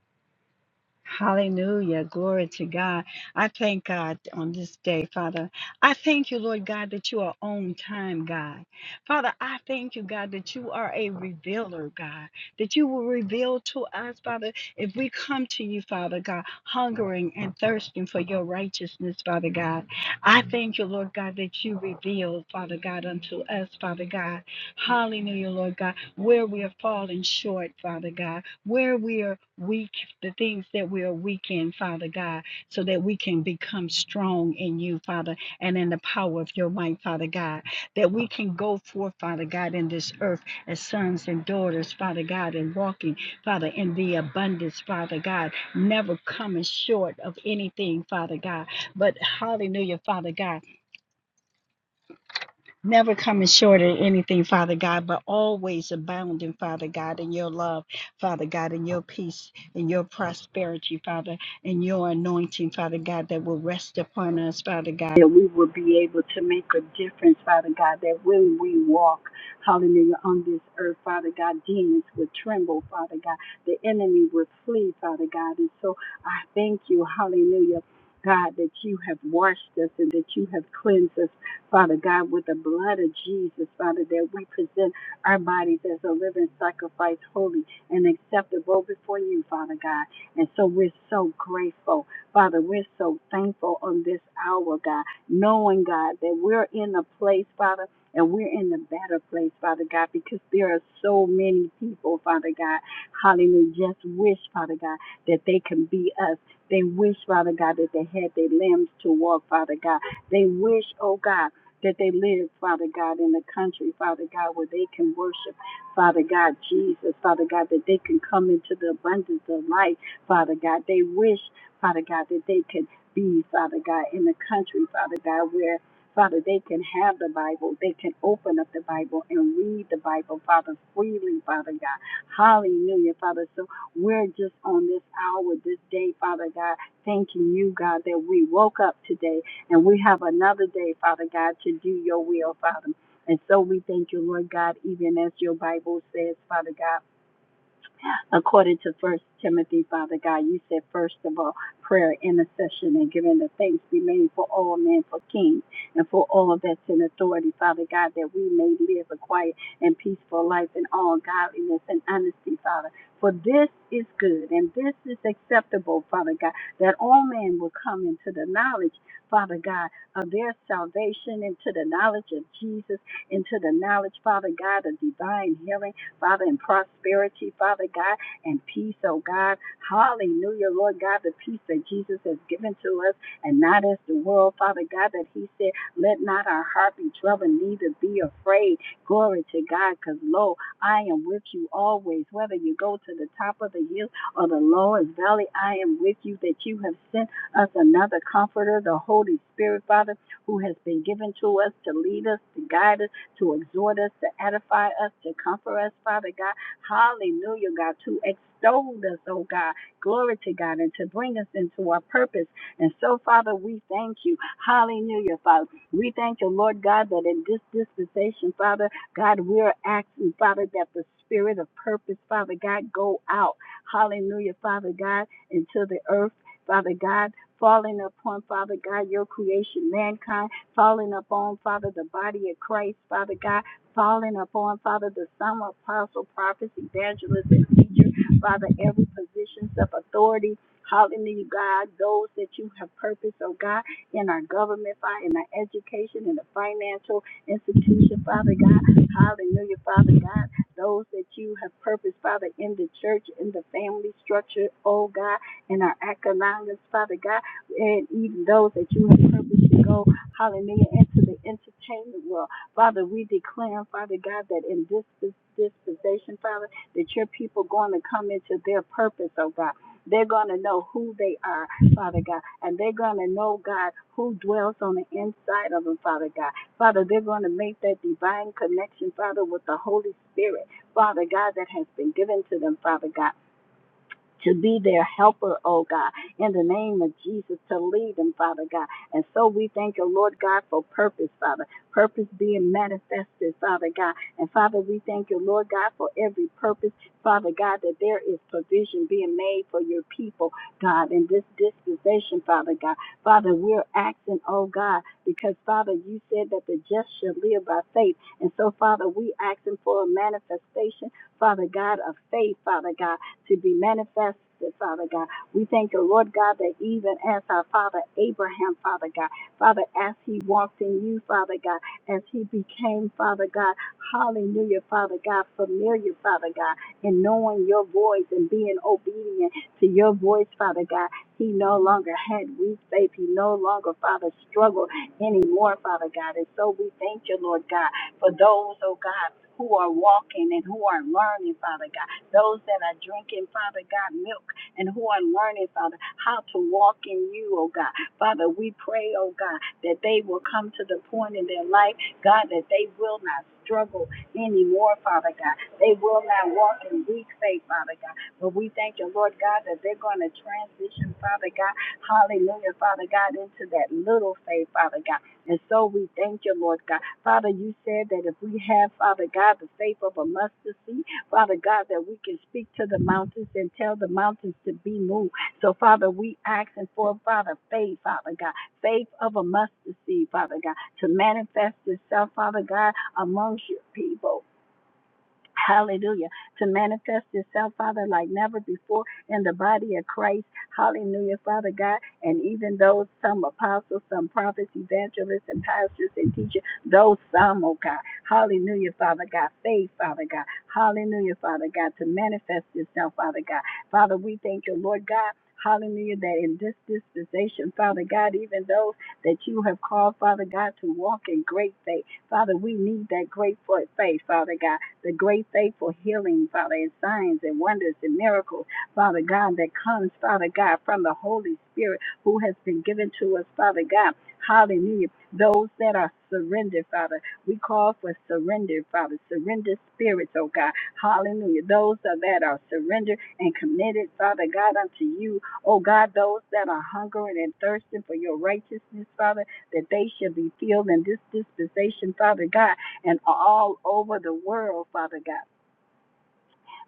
S4: Hallelujah. Glory to God. I thank God on this day, Father. I thank you, Lord God, that you are on time, God. Father, I thank you, God, that you are a revealer, God, that you will reveal to us, Father, if we come to you, Father God, hungering and thirsting for your righteousness, Father God. I thank you, Lord God, that you reveal, Father God, unto us, Father God. Hallelujah, Lord God, where we are falling short, Father God where we are weak, the things that we are weak in, Father God, so that we can become strong in you, Father, and in the power of your might, Father God, that we can go forth, Father God, in this earth as sons and daughters, Father God, and walking, Father, in the abundance, Father God, never coming short of anything, Father God. But hallelujah, Father God. Never coming short of anything, Father God, but always abounding, Father God, in your love, Father God, in your peace, in your prosperity, Father, in your anointing, Father God, that will rest upon us, Father God. That we will be able to make a difference, Father God, that when we walk, hallelujah, on this earth, Father God, demons would tremble, Father God, the enemy would flee, Father God. And so I thank you, hallelujah. God, that you have washed us and that you have cleansed us Father God, with the blood of Jesus, Father, that we present our bodies as a living sacrifice, holy and acceptable before you, Father God. And so we're so grateful, Father. We're so thankful on this hour, God, knowing, God, that we're in a place, Father, and we're in a better place, Father God, because there are so many people, Father God, hallelujah, just wish, Father God, that they can be us. They wish, Father God, that they had their limbs to walk, Father God. They wish, oh God that they live, Father God, in the country, Father God, where they can worship, Father God, Jesus, Father God, that they can come into the abundance of life, Father God. They wish, Father God, that they could be, Father God, in the country, Father God, where Father, they can have the Bible. They can open up the Bible and read the Bible, Father, freely, Father God. Hallelujah, Father. So we're just on this hour, this day, Father God, thanking you, God, that we woke up today. And we have another day, Father God, to do your will, Father. And so we thank you, Lord God, even as your Bible says, Father God according to First Timothy, Father God. You said, first of all, prayer, intercession, and giving the thanks be made for all men, for kings, and for all that's in authority, Father God, that we may live a quiet and peaceful life in all godliness and honesty, Father. For this is good and this is acceptable, Father God, that all men will come into the knowledge, Father God, of their salvation, into the knowledge of Jesus, into the knowledge, Father God, of divine healing, Father, and prosperity, Father God and peace, oh God. Hallelujah, Lord God, the peace that Jesus has given to us and not as the world, Father God, that He said, Let not our heart be troubled, neither be afraid. Glory to God, because lo, I am with you always. Whether you go to the top of the hill or the lowest valley, I am with you, that you have sent us another comforter, the Holy Spirit, Father, who has been given to us to lead us, to guide us, to exhort us, to edify us, to comfort us, Father God. Hallelujah, God, to extol us, oh God. Glory to God, and to bring us into our purpose. And so, Father, we thank you. Hallelujah, Father. We thank you, Lord God, that in this dispensation, Father, God, we're asking, Father, that the spirit of purpose, Father God, go out. Hallelujah, Father God, into the earth, Father God. Falling upon, Father God, your creation, mankind, falling upon, Father, the body of Christ, Father God calling upon, Father, the Son, apostle, prophets, evangelists, and teacher, Father, every positions of authority. Hallelujah, God, those that you have purposed, oh God, in our government, Father, in our education, in the financial institution, Father God. Hallelujah, Father God, those that you have purposed, Father, in the church, in the family structure, oh God, in our economics, Father God, and even those that you have purposed to go, hallelujah, into the entertainment world. Father, we declare, Father God, that in this dis- dispensation, Father, that your people going to come into their purpose, oh God. They're going to know who they are, Father God, and they're going to know, God, who dwells on the inside of them, Father God. Father, they're going to make that divine connection, Father, with the Holy Spirit, Father God, that has been given to them, Father God to be their helper, oh God, in the name of Jesus, to lead them, Father God. And so we thank you, Lord God, for purpose, Father. Purpose being manifested, Father God. And Father, we thank you, Lord God, for every purpose, Father God, that there is provision being made for your people, God, in this dispensation, Father God. Father, we're asking, oh God, because Father, you said that the just shall live by faith. And so, Father, we asking for a manifestation, Father God, of faith, Father God to be manifested, Father God. We thank you, Lord God, that even as our father Abraham, Father God, Father, as he walked in you, Father God, as he became, Father God, hallelujah, Father God, familiar, Father God, and knowing your voice and being obedient to your voice, Father God, he no longer had weak faith. He no longer, Father, struggled anymore, Father God. And so we thank you, Lord God, for those, oh God, who are walking and who are learning, Father God those that are drinking, Father God, milk and who are learning, Father, how to walk in you, oh God. Father, we pray, oh God, that they will come to the point in their life, God, that they will not struggle anymore, Father God. They will not walk in weak faith, Father God. But we thank you, Lord God, that they're going to transition, Father God, hallelujah, Father God, into that little faith, Father God. And so we thank you, Lord God. Father, you said that if we have, Father God, the faith of a mustard seed, Father God, that we can speak to the mountains and tell the mountains to be moved. So, Father, we asking for, Father, faith, Father God, faith of a mustard seed, Father God, to manifest itself, Father God, amongst your people. Hallelujah. To manifest itself, Father, like never before in the body of Christ. Hallelujah, Father God. And even those, some apostles, some prophets, evangelists, and pastors and teachers, those some, oh God. Hallelujah, Father God. Faith, Father God. Hallelujah, Father God. To manifest itself, Father God. Father, we thank you, Lord God. Hallelujah, that in this dispensation, Father God, even those that you have called, Father God, to walk in great faith, Father, we need that great faith, Father God the great faithful healing, Father, and signs and wonders and miracles, Father God, that comes, Father God, from the Holy Spirit who has been given to us, Father God. Hallelujah. Those that are surrendered, Father, we call for surrender, Father, surrender spirits, oh God. Hallelujah. Those that are surrendered and committed, Father God, unto you, oh God, those that are hungering and thirsting for your righteousness, Father, that they shall be filled in this dispensation, Father God and all over the world, Father God.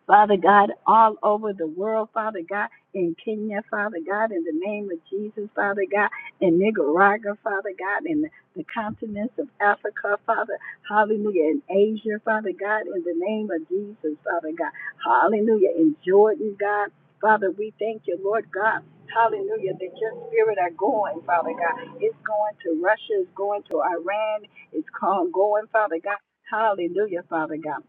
S4: Father God, all over the world, Father God, in Kenya, Father God, in the name of Jesus, Father God, in Nicaragua, Father God, in the continents of Africa, Father, hallelujah, in Asia, Father God, in the name of Jesus, Father God, hallelujah, in Jordan, God, Father, we thank you, Lord God, hallelujah, that your spirit are going, Father God, it's going to Russia, it's going to Iran, it's called going, Father God, hallelujah, Father God.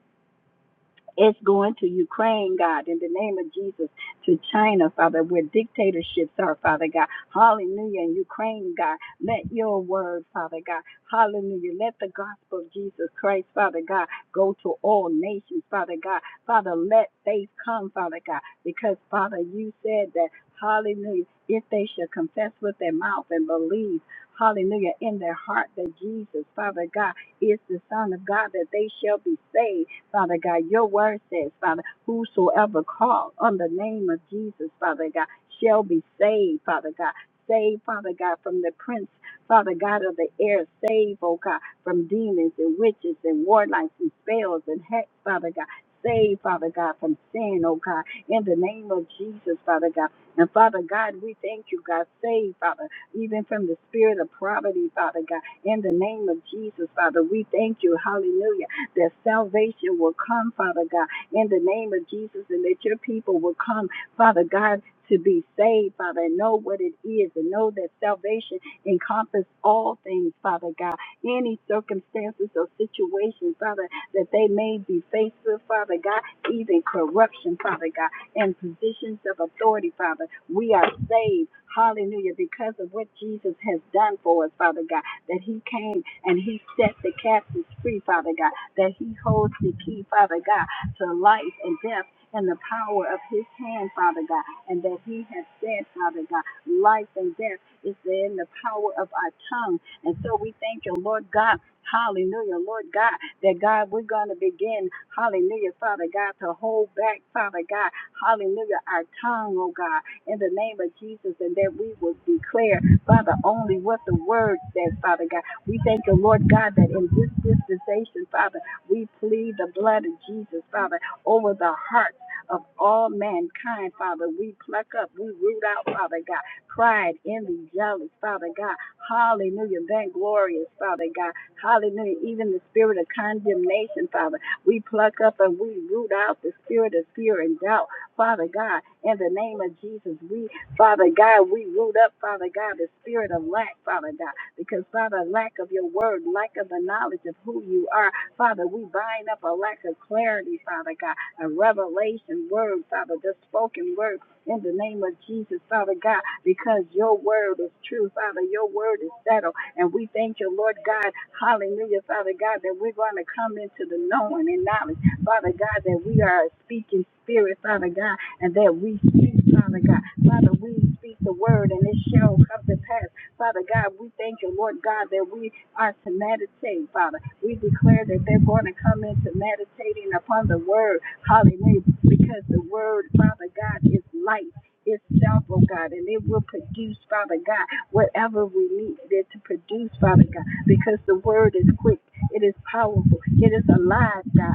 S4: It's going to Ukraine, God, in the name of Jesus, to China, Father, where dictatorships are, Father God. Hallelujah. In Ukraine, God, let your word, Father God. Hallelujah. Let the gospel of Jesus Christ, Father God, go to all nations, Father God. Father, let faith come, Father God, because, Father, you said that, hallelujah, if they shall confess with their mouth and believe, hallelujah, in their heart that Jesus, Father God, is the Son of God, that they shall be saved. Father God, your word says, Father, whosoever call on the name of Jesus, Father God, shall be saved, Father God. Save, Father God, from the prince, Father God of the air. Save, oh God, from demons and witches and warlocks and spells and hex, Father God. Save, Father God, from sin, oh God, in the name of Jesus, Father God. And Father God, we thank you, God. Save, Father, even from the spirit of poverty, Father God. In the name of Jesus, Father, we thank you. Hallelujah that salvation will come, Father God, in the name of Jesus, and that your people will come, Father God, to be saved, Father, and know what it is, and know that salvation encompasses all things, Father God, any circumstances or situations, Father, that they may be faced with, Father God, even corruption, Father God, and positions of authority, Father. We are saved, hallelujah, because of what Jesus has done for us, Father God, that He came and He set the captives free, Father God that he holds the key, Father God, to life and death in the power of his hand, Father God, and that he has said, Father God, life and death is in the power of our tongue. And so we thank you, Lord God. Hallelujah, Lord God, that God, we're going to begin, hallelujah, Father God, to hold back, Father God, hallelujah, our tongue, oh God, in the name of Jesus, and that we will declare, Father, only what the word says, Father God. We thank you, Lord God, that in this dispensation, Father, we plead the blood of Jesus, Father, over the hearts of all mankind, Father. We pluck up, we root out, Father God, pride, envy, jealous, Father God. Hallelujah. Thank glorious, Father God. Hallelujah. Even the spirit of condemnation, Father. We pluck up and we root out the spirit of fear and doubt, Father God. In the name of Jesus, we, Father God, we root up, Father God, the spirit of lack, Father God. Because, Father, lack of your word, lack of the knowledge of who you are, Father, we bind up a lack of clarity, Father God, a revelation word, Father, the spoken word in the name of Jesus, Father God, because your word is true, Father. Your word is settled. And we thank you, Lord God, hallelujah, Father God, that we're going to come into the knowing and knowledge, Father God, that we are a speaking spirit, Father God, and that we speak, Father God. Father, we speak the word and it shall come to pass. Father God, we thank you, Lord God, that we are to meditate, Father. We declare that they're going to come into meditating upon the word. Hallelujah. Because the word, Father God, is life itself, oh God, and it will produce, Father God, whatever we need it to produce, Father God, because the word is quick, it is powerful, it is alive, God.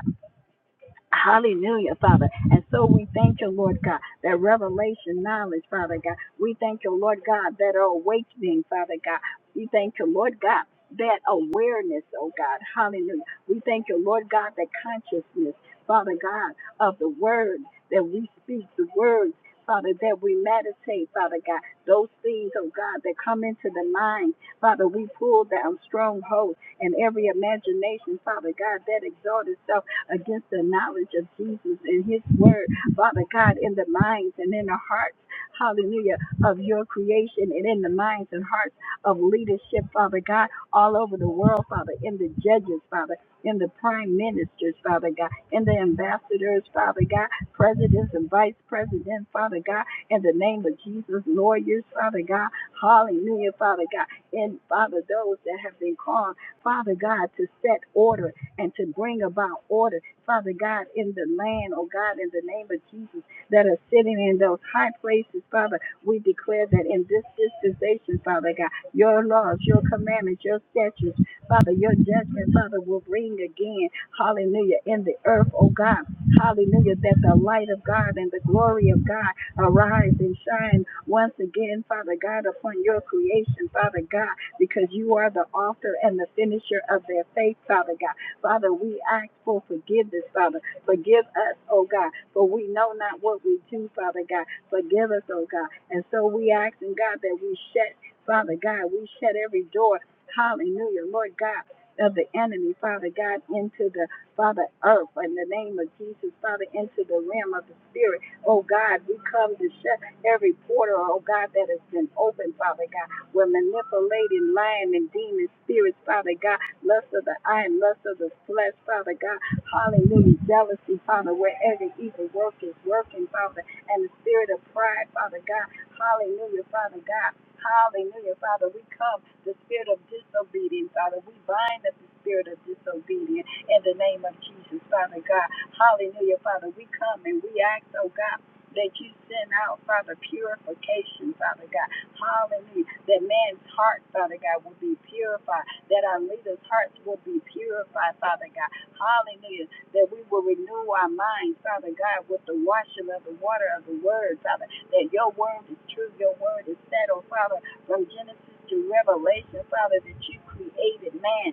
S4: Hallelujah, Father. And so we thank you, Lord God, that revelation knowledge, Father God. We thank you, Lord God, that awakening, Father God. We thank you, Lord God, that awareness, oh God. Hallelujah. We thank you, Lord God, that consciousness, Father God, of the word that we speak, the words, Father, that we meditate, Father God. Those things, oh God, that come into the mind, Father, we pull down strongholds and every imagination, Father God, that exalts itself against the knowledge of Jesus and his word, Father God, in the minds and in the hearts, hallelujah, of your creation and in the minds and hearts of leadership, Father God, all over the world, Father, in the judges, Father, in the prime ministers, Father God, in the ambassadors, Father God, presidents and vice presidents, Father God, in the name of Jesus, lawyers, Father God, hallelujah, Father God, and Father, those that have been called, Father God, to set order and to bring about order, Father God, in the land, oh God, in the name of Jesus, that are sitting in those high places, Father. We declare that in this dispensation, Father God, your laws, your commandments, your statutes, Father, your judgment, Father, will ring again, hallelujah, in the earth, oh God, hallelujah, that the light of God and the glory of God arise and shine once again, Father God, upon your creation, Father God, because you are the author and the finisher of their faith, Father God. Father, we ask for forgiveness, Father. Forgive us, oh God, for we know not what we do, Father God. Forgive us, oh God. And so we ask, and God, that we shut, Father God, we shut every door, hallelujah, Lord God, of the enemy, Father God, into the, Father, earth, in the name of Jesus, Father, into the realm of the Spirit. Oh God, we come to shut every portal, oh God, that has been opened, Father God. We're manipulating, lying, and demon spirits, Father God lust of the eye and lust of the flesh, Father God. Hallelujah. Jealousy, Father, where every evil work is working, Father, and the spirit of pride, Father God. Hallelujah, Father God. Hallelujah, Father. We come the spirit of disobedience, Father. We bind up the spirit of disobedience in the name of Jesus, Father God. Hallelujah, Father. We come and we ask, oh God. That you send out, Father, purification, Father God. Hallelujah. That man's heart, Father God, will be purified that our leaders' hearts will be purified, Father God. Hallelujah. That we will renew our minds, Father God, with the washing of the water of the word, Father. That your word is true, your word is settled, Father, from Genesis to Revelation, Father, that you created man.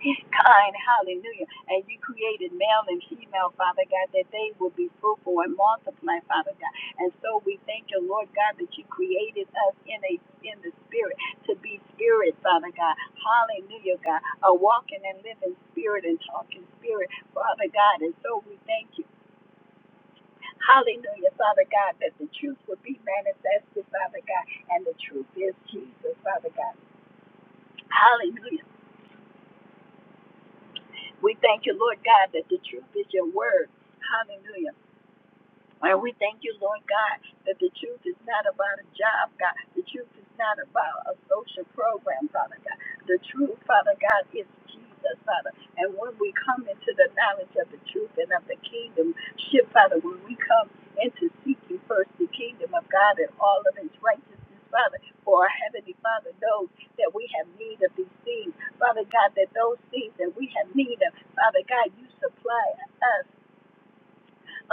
S4: He's kind, hallelujah. And you created male and female, Father God, that they will be fruitful and multiply, Father God. And so we thank you, Lord God, that you created us in a in the spirit to be spirit, Father God. Hallelujah, God. A walking and living spirit and talking spirit, Father God. And so we thank you. Hallelujah, Father God, that the truth would be manifested, Father God. And the truth is Jesus, Father God. Hallelujah. We thank you, Lord God, that the truth is your word. Hallelujah. And we thank you, Lord God, that the truth is not about a job, God. The truth is not about a social program, Father God. The truth, Father God, is Jesus, Father. And when we come into the knowledge of the truth and of the kingdom, ship, Father, when we come into seeking first the kingdom of God and all of its righteousness, Father, for our Heavenly Father knows that we have need of these things. Father God, that those things that we have need of, Father God, you supply us,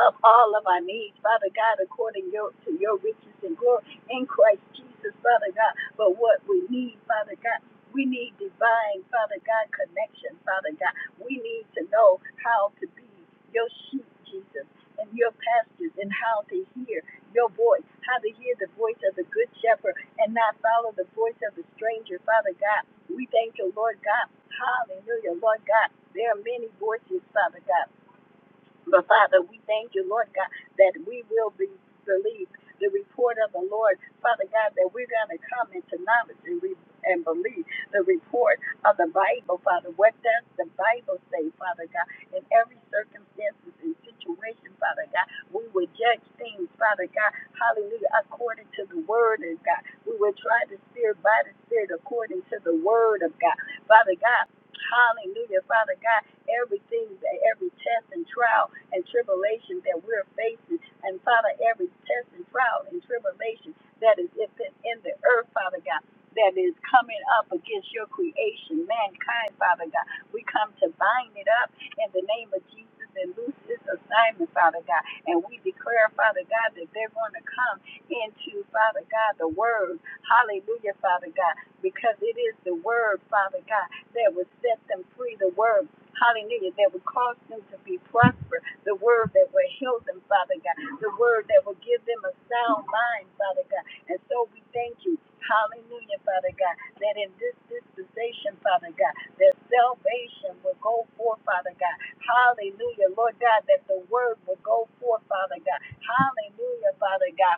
S4: of all of our needs, Father God, according your, to your riches and glory in Christ Jesus, Father God. But what we need, Father God, we need divine, Father God, connection, Father God. We need to know how to be your sheep, Jesus, and your pastors, and how to hear your voice, how to hear the voice of the good shepherd and not follow the voice of the stranger, Father God. We thank you, Lord God. Hallelujah, Lord God. There are many voices, Father God. But Father, we thank you, Lord God, that we will be believe the report of the Lord, Father God, that we're going to come into knowledge and, re- and believe the report of the Bible, Father. What does the Bible say, Father God? In every circumstances and situation, Father God, we will judge things, Father God, hallelujah, according to the word of God. We will try the Spirit by the Spirit according to the word of God. Father God, hallelujah, Father God everything, that every test and trial and tribulation that we're facing. And Father, every test and trial and tribulation that is in in the earth, Father God, that is coming up against your creation, mankind, Father God. We come to bind it up in the name of Jesus and loose this assignment, Father God. And we declare, Father God, that they're going to come into, Father God, the word. Hallelujah, Father God, because it is the word, Father God, that will set them free. The word Hallelujah. That would cause them to be prosper. The word that will heal them, Father God. The word that will give them a sound mind, Father God. And so we thank you. Hallelujah, Father God. That in this dispensation, Father God, that salvation will go forth, Father God. Hallelujah, Lord God, that the word will go forth, Father God. Hallelujah, Father God.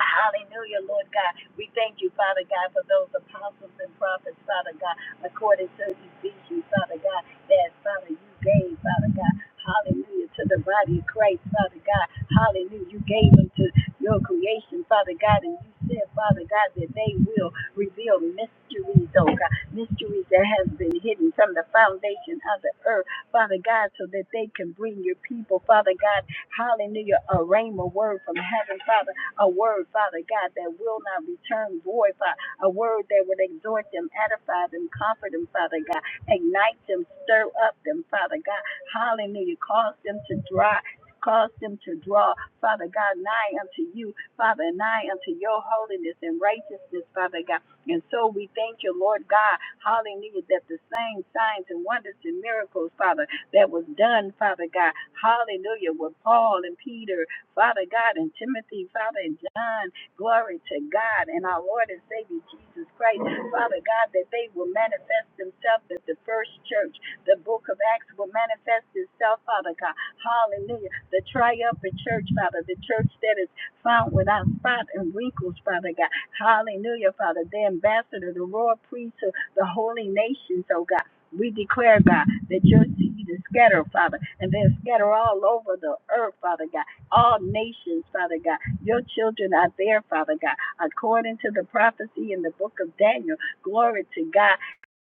S4: Hallelujah, Lord God. We thank you, Father God, for those apostles and prophets, Father God, according to Ezekiel, Father God, that, Father, you gave, Father God. Hallelujah, to the body of Christ, Father God. Hallelujah, you gave them to your creation, Father God, and you said, Father God, that they will reveal mysteries, oh God, mysteries that has been hidden from the foundation of the earth, Father God, so that they can bring your people, Father God Hallelujah. A rhema word from heaven, Father. A word, Father God, that will not return void, Father. A word that would exhort them, edify them, comfort them, Father God. Ignite them, stir up them, Father God. Hallelujah. Cause them to dry. Cause them to draw, Father God, nigh unto you, Father, nigh unto your holiness and righteousness, Father God. And so we thank you, Lord God, hallelujah, that the same signs and wonders and miracles, Father that was done, Father God. Hallelujah. With Paul and Peter, Father God, and Timothy, Father, and John. Glory to God and our Lord and Savior Jesus Christ. Father God, that they will manifest themselves at the first church. The book of Acts will manifest itself, Father God. Hallelujah. The triumphant church, Father, the church that is found without spot and wrinkles, Father God. Hallelujah, Father. The ambassador, the royal priesthood, the holy nations, oh God. We declare, God, that your seed is scattered, Father, and they're scattered all over the earth, Father God, all nations, Father God. Your children are there, Father God, according to the prophecy in the book of Daniel. Glory to God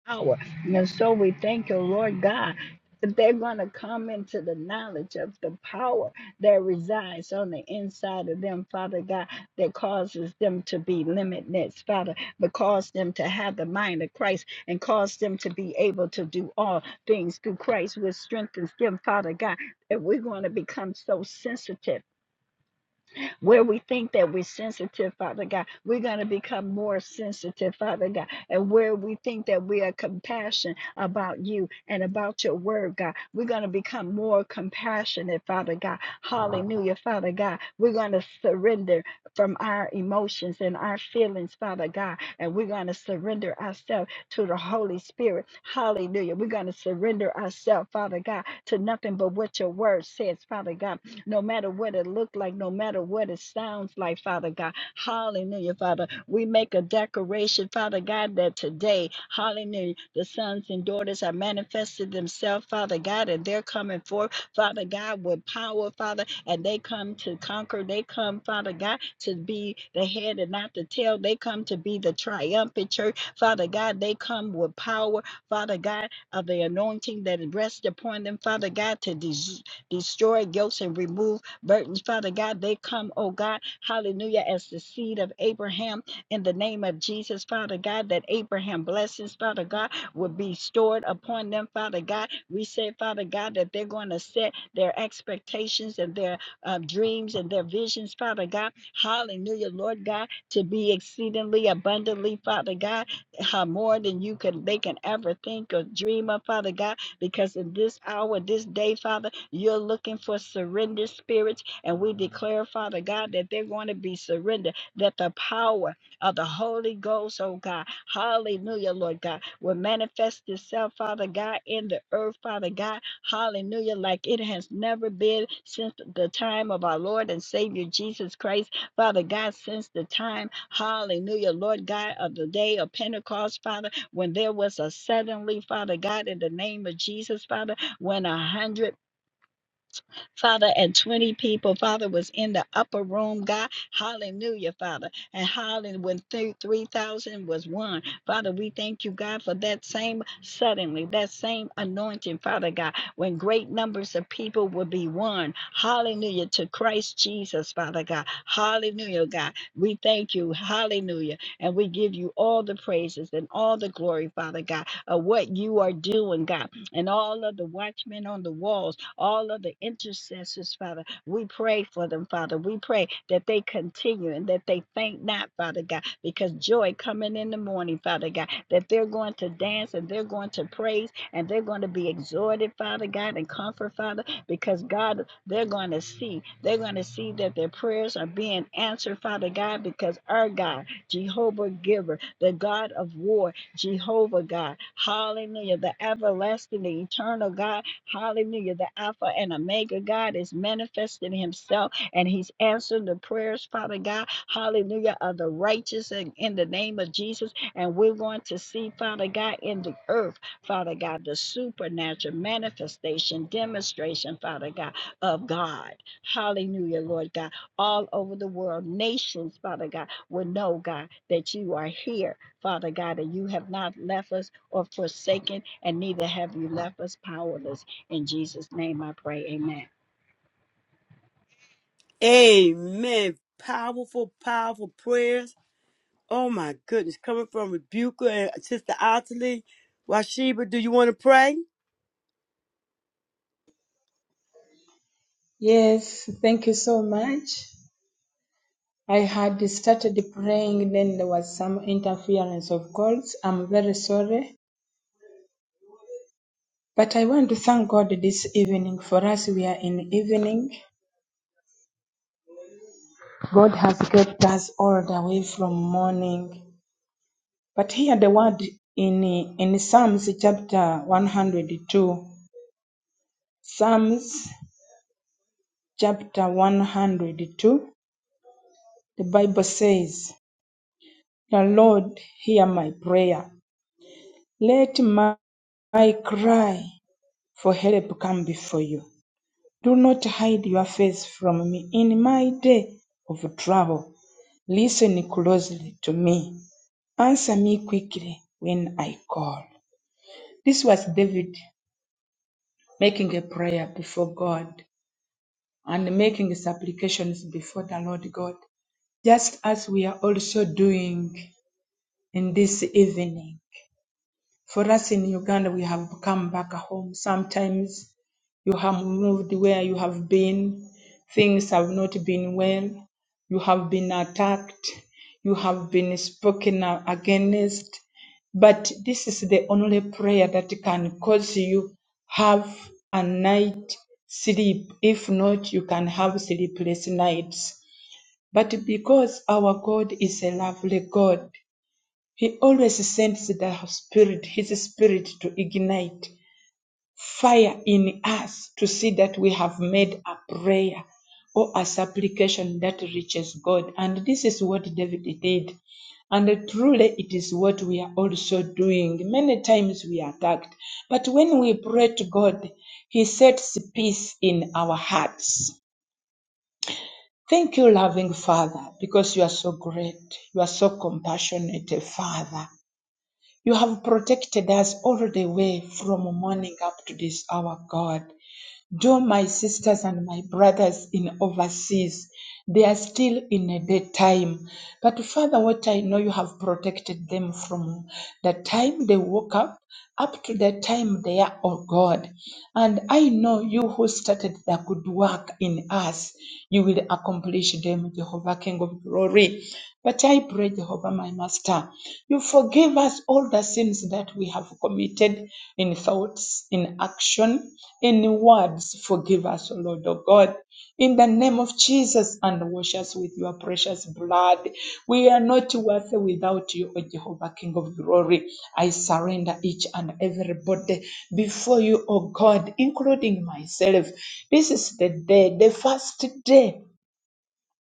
S4: power. And so we thank you, Lord God, that they're going to come into the knowledge of the power that resides on the inside of them, Father God, that causes them to be limitless, Father, but cause them to have the mind of Christ and cause them to be able to do all things through Christ, which strengthens them, Father God. That we're going to become so sensitive where we think that we're sensitive, Father God, we're going to become more sensitive, Father God. And where we think that we are compassionate about you and about your word, God, we're going to become more compassionate, Father God. Hallelujah, Father God. We're going to surrender from our emotions and our feelings, Father God. And we're going to surrender ourselves to the Holy Spirit. Hallelujah. We're going to surrender ourselves, Father God, to nothing but what your word says, Father God no matter what it looked like, no matter what it sounds like, Father God. Hallelujah, Father. We make a declaration, Father God, that today, hallelujah, the sons and daughters have manifested themselves, Father God, and they're coming forth, Father God, with power, Father, and they come to conquer. They come, Father God, to be the head and not the tail. They come to be the triumphant church, Father God. They come with power, Father God, of the anointing that rests upon them, Father God, to des- destroy guilt and remove burdens. Father God, they come, oh God, hallelujah, as the seed of Abraham in the name of Jesus, Father God, that Abraham blessings, Father God, will be stored upon them, Father God. We say, Father God, that they're going to set their expectations and their uh, dreams and their visions, Father God. Hallelujah, Lord God, to be exceedingly abundantly, Father God, uh, more than you can they can ever think or dream of, Father God, because in this hour, this day, Father. You're looking for surrendered spirits, and we declare, Father God, that they're going to be surrendered, that the power of the Holy Ghost, oh God, hallelujah, Lord God, will manifest itself, Father God, in the earth, Father God, hallelujah, like it has never been since the time of our Lord and Savior Jesus Christ. Father God, since the time, hallelujah, Lord God, of the day of Pentecost, Father, when there was a suddenly, Father God, in the name of Jesus, Father, when a hundred Father, and 20 people, Father, was in the upper room, God. Hallelujah, Father. And hallelujah, when 3,000 was one, Father, we thank you, God, for that same suddenly, that same anointing, Father God, when great numbers of people will be one. Hallelujah, to Christ Jesus, Father God. Hallelujah, God. We thank you. Hallelujah. And we give you all the praises and all the glory, Father God, of what you are doing, God, and all of the watchmen on the wall all of the intercessors, Father. We pray for them, Father. We pray that they continue and that they faint not, Father God, because joy coming in the morning, Father God, that they're going to dance and they're going to praise and they're going to be exhorted, Father God, and comfort, Father, because God, they're going to see, they're going to see that their prayers are being answered, Father God, because our God, Jehovah Giver, the God of war, Jehovah God, hallelujah, the everlasting, the eternal God. Hallelujah. The Alpha and Omega God is manifesting himself and he's answering the prayers, Father God. Hallelujah. Of the righteous and in the name of Jesus. And we're going to see, Father God, in the earth, Father God, the supernatural manifestation, demonstration, Father God, of God. Hallelujah, Lord God. All over the world, nations, Father God, will know, God, that you are here, Father God, and you have not left us or forsaken, and neither have you left us powerless. In Jesus' name I pray, amen.
S1: Amen. Powerful, powerful prayers. Oh my goodness, coming from Rebuka and Sister Ottilie. Washiba, do you want to pray?
S2: Yes, thank you so much. I had started praying, then there was some interference of calls. I'm very sorry. But I want to thank God this evening. For us, we are in evening. God has kept us all the way from morning. But here the word in in Psalms chapter 102, Psalms chapter 102, the Bible says, The Lord hear my prayer. Let my, my cry for help come before you. Do not hide your face from me in my day of trouble. Listen closely to me. Answer me quickly when I call. This was David making a prayer before God and making his supplications before the Lord God, just as we are also doing in this evening. For us in Uganda, we have come back home. Sometimes you have moved where you have been, things have not been well, you have been attacked, you have been spoken a- against. But this is the only prayer that can cause you have a night sleep. If not, you can have sleepless nights. But because our God is a lovely God, he always sends the Spirit, His Spirit, to ignite fire in us to see that we have made a prayer or a supplication that reaches God. And this is what David did. And truly, it is what we are also doing. Many times we are attacked, but when we pray to God, He sets peace in our hearts. Thank you, loving Father, because you are so great. You are so compassionate, Father. You have protected us all the way from morning up to this hour, God. Though my sisters and my brothers in overseas, they are still in a daytime. But Father, what I know you have protected them from the time they woke up up to the time they are, oh God. And I know you who started the good work in us, you will accomplish them, Jehovah King of glory. But I pray, Jehovah, my Master, you forgive us all the sins that we have committed in thoughts, in action, any words, forgive us, O Lord, O God. In the name of Jesus, and wash us with your precious blood. We are not worthy without you, O Jehovah, King of glory. I surrender each and everybody before you, O God, including myself. This is the day, the first day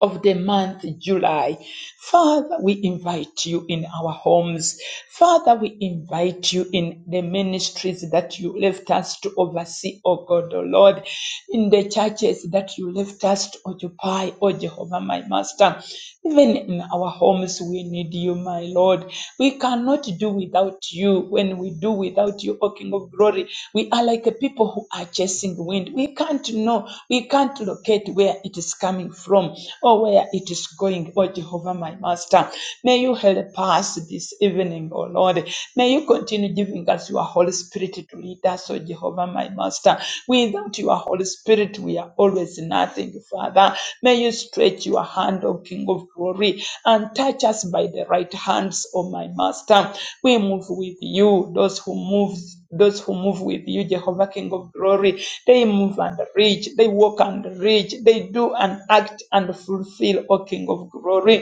S2: of the month July. Father, we invite you in our homes. Father, we invite you in the ministries that you left us to oversee, oh God, oh Lord, in the churches that you left us to occupy, oh Jehovah, my Master. Even in our homes, we need you, my Lord. We cannot do without you. When we do without you, O King of Glory, we are like a people who are chasing wind. We can't know, we can't locate where it is coming from or where it is going, O Jehovah, my Master. May you help us this evening, O Lord. May you continue giving us your Holy Spirit to lead us, O Master, Jehovah, my Master. Without your Holy Spirit, we are always nothing, Father. May you stretch your hand, O King of glory, and touch us by the right hands, O my Master. We move with you, those who move. Those who move with you, Jehovah King of Glory, they move and reach, they walk and reach, they do and act and fulfill, O King of Glory.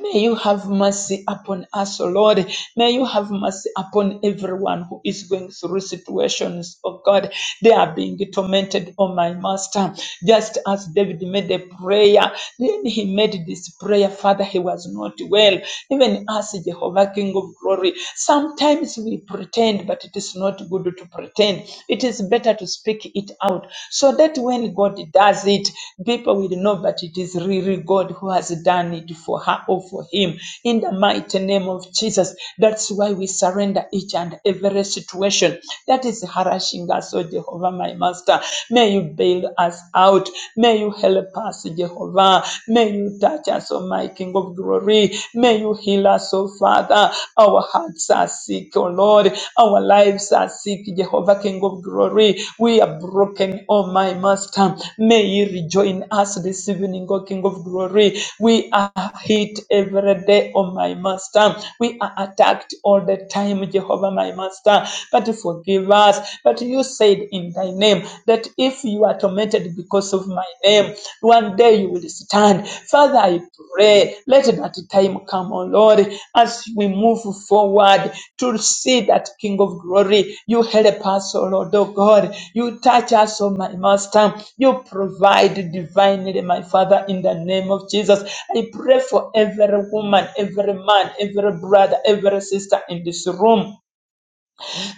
S2: May you have mercy upon us, O Lord. May you have mercy upon everyone who is going through situations, oh God. They are being tormented, oh my Master. Just as David made a prayer, then he made this prayer, Father, he was not well. Even us, Jehovah, King of glory, sometimes we pretend, but it is not good to pretend. It is better to speak it out so that when God does it, people will know that it is really God who has done it for her or for him. In the mighty name of Jesus, that's why we surrender each and every situation that is harassing us, oh Jehovah, my Master. May you bail us out. May you help us, Jehovah. May you touch us, oh my King of Glory. May you heal us, oh Father. Father. Our hearts are sick, oh Lord. Our lives are sick, Jehovah, King of glory. We are broken, oh my Master. May you rejoin us this evening, oh King of glory. We are hit every day, oh my Master. We are attacked all the time, Jehovah, my Master. But forgive us. But you said in thy name that if you are tormented because of of my name. One day you will stand. Father, I pray, let that time come, O Lord, as we move forward to see that King of glory. You help us, O Lord, O God. You touch us, O my Master. You provide divinely, my Father, in the name of Jesus. I pray for every woman, every man, every brother, every sister in this room.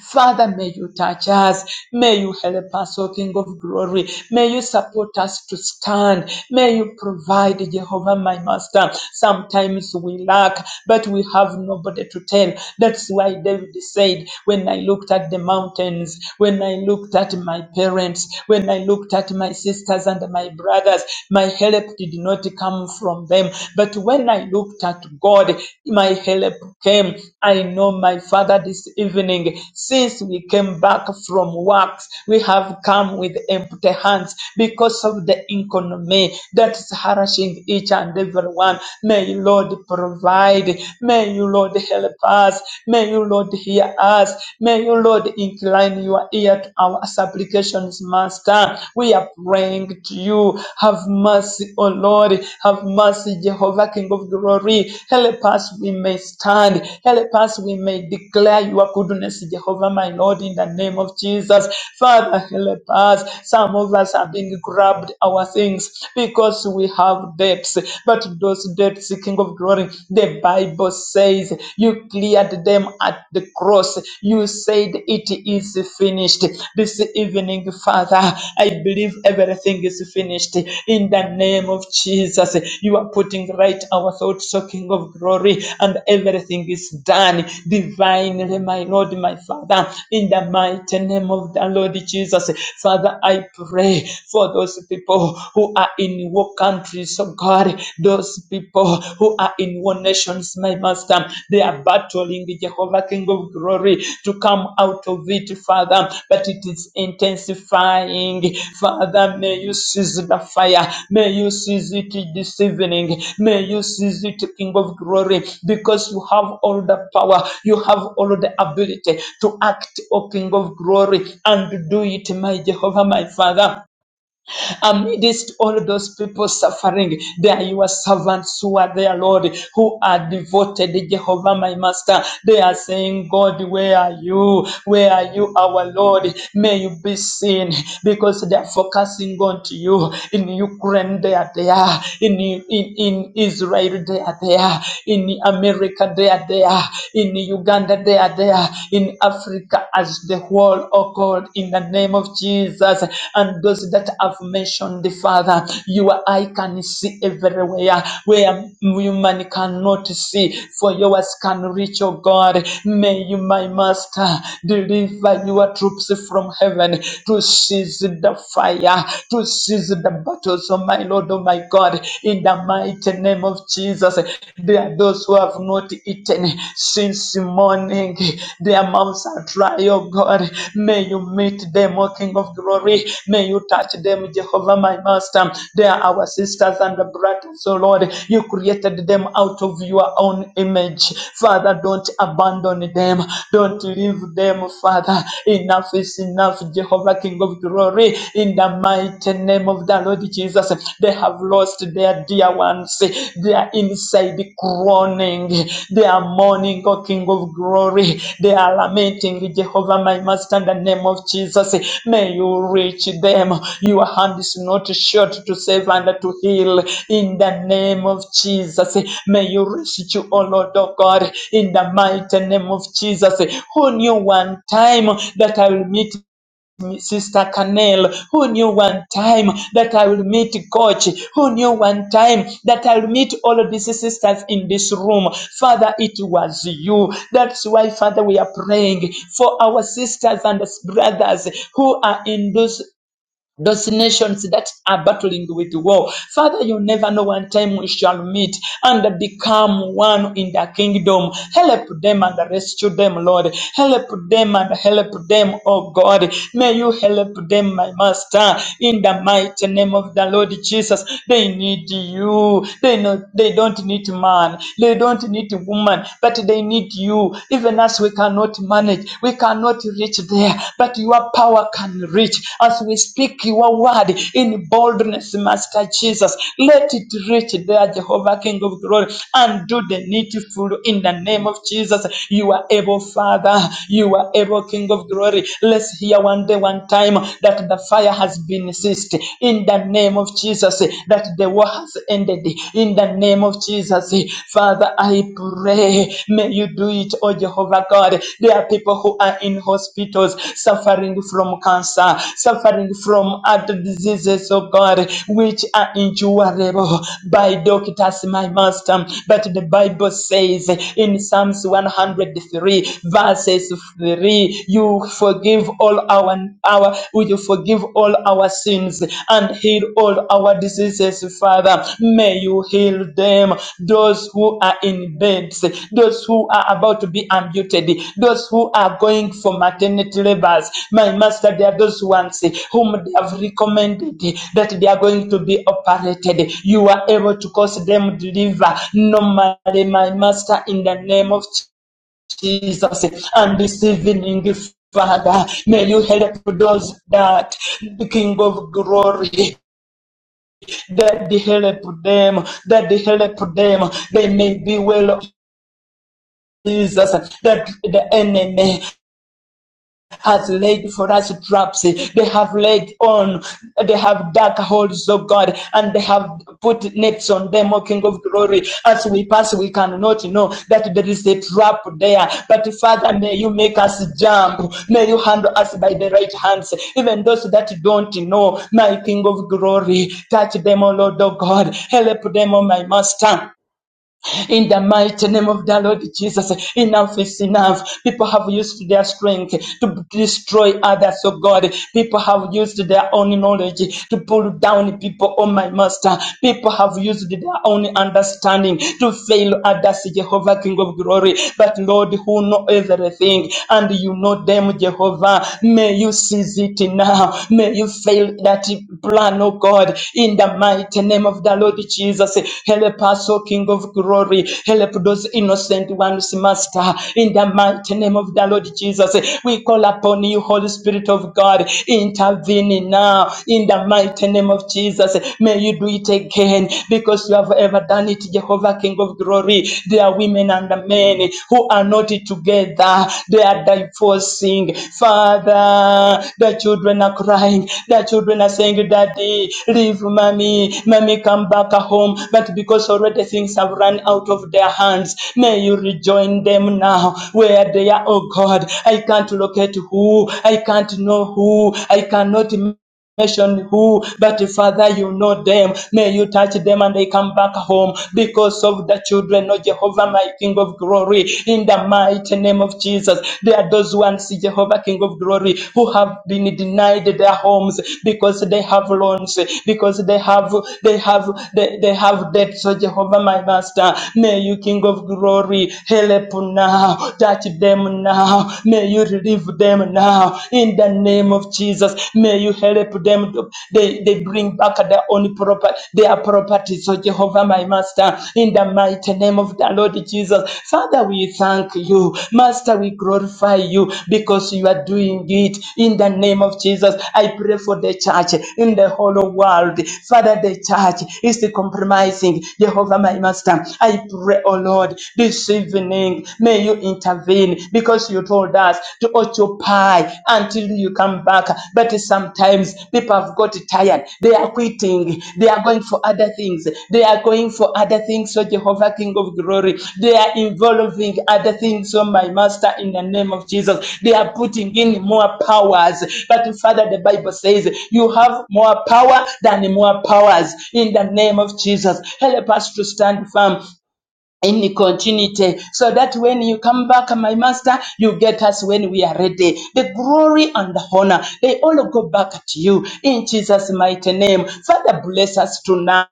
S2: Father, may you touch us. May you help us, O King of glory. May you support us to stand. May you provide, Jehovah, my master. Sometimes we lack, but we have nobody to tell. That's why David said, When I looked at the mountains, when I looked at my parents, when I looked at my sisters and my brothers, my help did not come from them. But when I looked looked at God. My help came. I know, my Father, this evening, since we came back from works, we have come with empty hands because of the economy that is harassing each and every one. May you, Lord, provide. May you, Lord, help us. May you, Lord, hear us. May you, Lord, incline your ear to our supplications, Master. We are praying to you. Have mercy, O Lord. Have mercy, Jehovah, King of glory. Help us, we may stand. Help us, we may declare your goodness, Jehovah, my Lord, in the name of Jesus. Father, help us. Some of us have been grabbed our things because we have debts. But those debts, King of glory, the Bible says you cleared them at the cross. You said it is finished this evening, Father. I believe everything is finished in the name of Jesus. You are putting right our thoughts, O King of glory, and everything is done divinely, my Lord, my Father, in the mighty name of the Lord Jesus. Father, I pray for those people who are in war countries, oh God, those people who are in war nations, my master. They are battling Jehovah, King of glory, to come out of it, Father, but it is intensifying. Father, may you seize the fire. May you seize it this evening. May you seize it, King of glory, because you have all the power. You have all the ability to act, O King of glory, and do it, my Jehovah, my Father amidst all those people suffering. there are your servants who are there, Lord, who are devoted, Jehovah, my Master. They are saying, God, where are you? Where are you, our Lord? May you be seen because they are focusing on to you. In Ukraine, they are there. In, in, in Israel, they are there. In America, they are there. In Uganda, they are there. In Africa, As as the whole, oh God, in the name of Jesus. And those that have mentioned, the Father, your eye can see everywhere where human cannot see, for yours can reach, oh God. May you, my Master, deliver your troops from heaven to seize the fire, to seize the battles, oh my Lord, oh my God, in the mighty name of Jesus. There are those who have have not eaten since morning. Their mouths are dry, oh God. May you meet them, O King of glory. May you touch them, Jehovah, my master. They are our sisters and brothers, oh Lord. You created them out of your own image. Father, don't abandon them. Don't leave them, Father. Enough is enough, Jehovah, King of glory. In the mighty name of the Lord Jesus, they have lost their dear ones. They are inside groaning. They are mourning, O King of glory. They are lamenting, Jehovah, my master, in the name of Jesus. May you reach them. Your hand is not short to save and to heal. In the name of Jesus, may you reach you, O Lord, O God, in the mighty name of Jesus. Who knew one time that I will meet Sister Canel, who knew one time that I will meet Coach, who knew one time that I will meet all of these sisters in this room. Father, it was you. That's why, Father, we are praying for our sisters and brothers who are in those those nations that are battling with war. Father, you never know one time we shall meet and become one in the kingdom. Help them and rescue them, Lord. Help them and help them, oh God. May you help them, my master, in the mighty name of the Lord Jesus. They need you. They know they don't need man. They don't need woman, but they need you. Even as we we cannot manage, we cannot reach there, but your power can reach. As we speak your word in boldness, Master Jesus, let it reach there, Jehovah, King of glory, and do the needful in the name of Jesus. You are able, Father, you are able, King of glory. Let's hear one day, one time that the fire has been ceased in the name of Jesus, that the war has ended, in the name of Jesus. Father, I pray, may you do it, oh Jehovah God. There are people who are in hospitals suffering from cancer, suffering from other diseases, oh God, which are incurable by doctors, my master. But the Bible says in Psalms 103, verses 3, you forgive all our, our Will you forgive all our sins and heal all our diseases, Father? May you heal them, those who are in beds, those who are about to be amputated, those who are going for maternity labors. My Master, there are those ones whom they have recommended that they are going to be operated. You are able to cause them deliver normally, my Master, in the name of Jesus. And this evening, Father, may you help those that the King of Glory, that they help them, that they help them. They may be well. Jesus, that the enemy has laid for us traps. They have laid on, they have dark holes, oh God, and they have put nets on them, O King of Glory. As we pass, we cannot know that there is a trap there. But Father, may you make us jump. May you handle us by the right hands. Even those that don't know, my King of Glory, touch them, O Lord, oh God. Help them, O my Master. In the mighty name of the Lord Jesus, enough is enough. People have used their strength to destroy others, oh God. People have used their own knowledge to pull down people, oh my master. People have used their own understanding to fail others, Jehovah, King of glory. But Lord, who know everything and you know them, Jehovah, may you seize it now now. May you fail that plan, oh God, in the mighty name of the Lord Jesus. Help us, oh King of glory. Help those innocent ones, Master, in the mighty name of the Lord Jesus. We call upon you, Holy Spirit of God, intervene now in the mighty name of Jesus. May you do it again because you have ever done it, Jehovah, King of glory. There. There are women and men who are not together. They are divorcing. Father, the children are crying. The children are saying, Daddy, leave mommy. Mommy, come back home. But because already things have run out of their hands, may you rejoin them now where they are. Oh God, I can't locate who. I can't know who. I cannot nation who, but Father, you know them. May you touch them and they come back home because of the children of Jehovah, my King of glory, in the mighty name of Jesus. There are those ones, Jehovah, King of glory, who have been denied their homes because they have loans, because they have, they have, they, they have debts, So, Jehovah, my master. May you, King of glory, help now, touch them now. May you relieve them now now in the name of Jesus. May you help them. to- They, they bring back their own property, their properties, oh Jehovah, my Master, in the mighty name of the Lord Jesus. Father, we thank you. Master, we glorify you because you are doing it in the name of Jesus. I pray for the church in the whole world. Father, the church is compromising. Jehovah, my Master, I pray, oh Lord, this evening, may you you intervene because you told us to occupy until you come back. But sometimes people have got tired. They are quitting. They are going for other things. They are going for other things, so Jehovah, King of glory. They are involving other things, so my master, in the name of Jesus. They are putting in more powers. But Father, the Bible says you have more power than more powers in the name of Jesus. Help us to stand firm in the continuity so that when you come back my master you get us when we are ready the glory and the honor they all go back to you in jesus mighty name father bless us tonight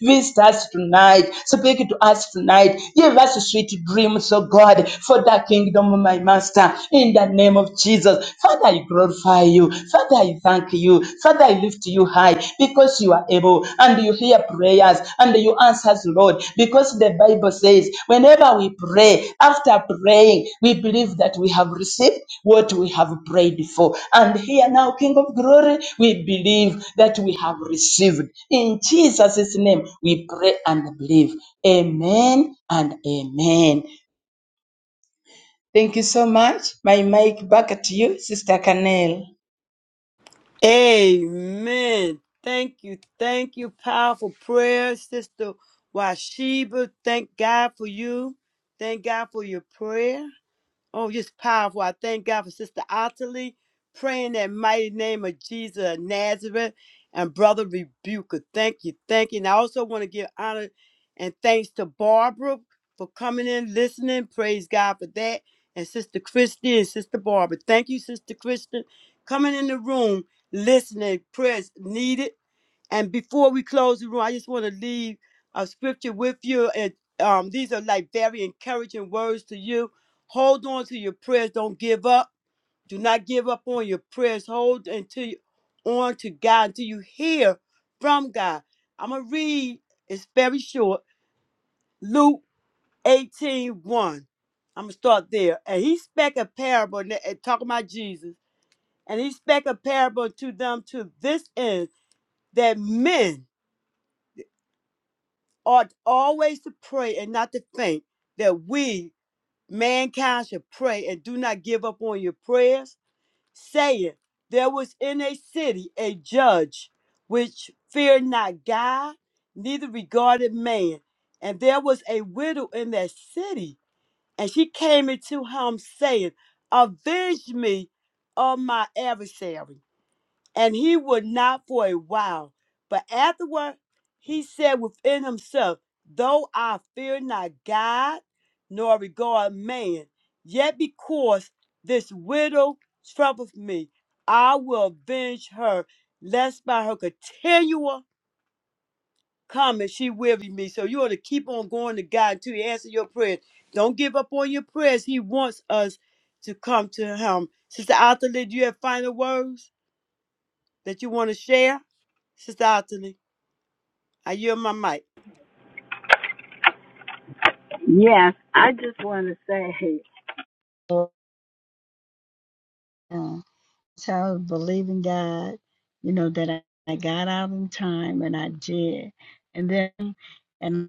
S2: Visit us tonight. Speak to us tonight. Give us sweet dreams, oh God, for the kingdom, my master. In the name of Jesus, Father, I glorify you. Father, I thank you. Father, I lift you high because you are able and you hear prayers and you answers, Lord, because the Bible says whenever we pray, after praying, we believe that we have received what we have prayed for. And here now, King of Glory, we believe that we have received. In Jesus' name, we pray and believe. Amen and amen. Thank you so much. My mic back at you, Sister Canel.
S1: Amen. Thank you. Thank you. Powerful prayer, Sister Washiba. Thank God for you. Thank God for your prayer. Oh, just powerful. I thank God for Sister Ottilie praying that mighty name of Jesus of Nazareth and Brother Rebuker. Thank you. Thank you. And I also want to give honor and thanks to Barbara for coming in, listening. Praise God for that. And Sister Christy and Sister Barbara. Thank you, Sister Christy, coming in the room, listening. Prayers needed. And before we close the room, I just want to leave a scripture with you. And um, these are like very encouraging words to you. Hold on to your prayers. Don't give up. Do not give up on your prayers. Hold until on to God until you hear from God. I'm gonna read, it's very short. Luke 18 i I'm gonna start there. And he spake a parable and and talking about Jesus. And he spake a parable to them to this end that men ought always to pray and not to faint, that we, mankind, should pray and do not give up on your prayers, saying, There was in a city a judge which feared not God, neither regarded man. And there was a widow in that city, and she came into him, saying, Avenge me of my adversary and he would not for a while. But afterward, he said within himself, Though I fear not God, nor regard man, yet because this widow troubleth me, I will avenge her, lest by her continual coming she weary me. So you ought to keep on going to God until He answers your prayers. Don't give up on your prayers. He wants us to come to Him. Sister Althea, do you have final words that you want to share? Sister Anthony, I yield my mic.
S4: Yes, I just want to say, So uh, so I was believing God, you know, that I, I got out in time and I did. And then and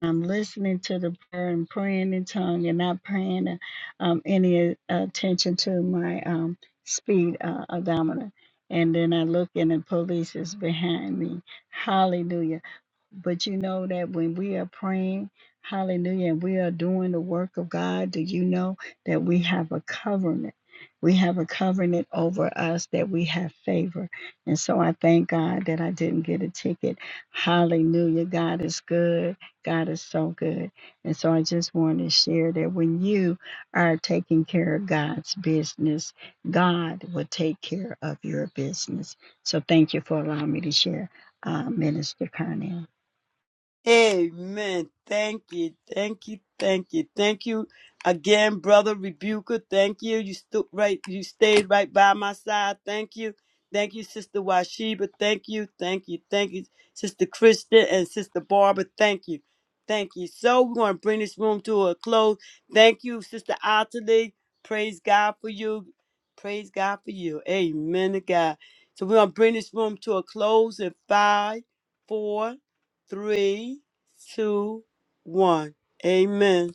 S4: I'm listening to the prayer and praying in tongue and not paying um, any uh, attention to my um, speed uh, odometer. And then I look in, and police is behind me. Hallelujah. But you know that when we are praying, hallelujah, and we are doing the work of God, do you know that we have a covenant? We have a covenant over us that we have favor. And so I thank God that I didn't get a ticket. Hallelujah. God is good. God is so good. And so I just want to share that when you are taking care of God's business, God will take care of your business. So thank you for allowing me to share, uh, Minister Carnell.
S1: Amen. Thank you. Thank you. Thank you. Thank you again, brother Rebuker. Thank you. You stood right. You stayed right by my side. Thank you. Thank you, Sister Washiba. Thank you. Thank you. Thank you, Sister Kristen and Sister Barbara. Thank you. Thank you. So we're going to bring this room to a close. Thank you, Sister Ottilie. Praise God for you. Praise God for you. Amen to God. So we're going to bring this room to a close in five, four three, two, one. Amen.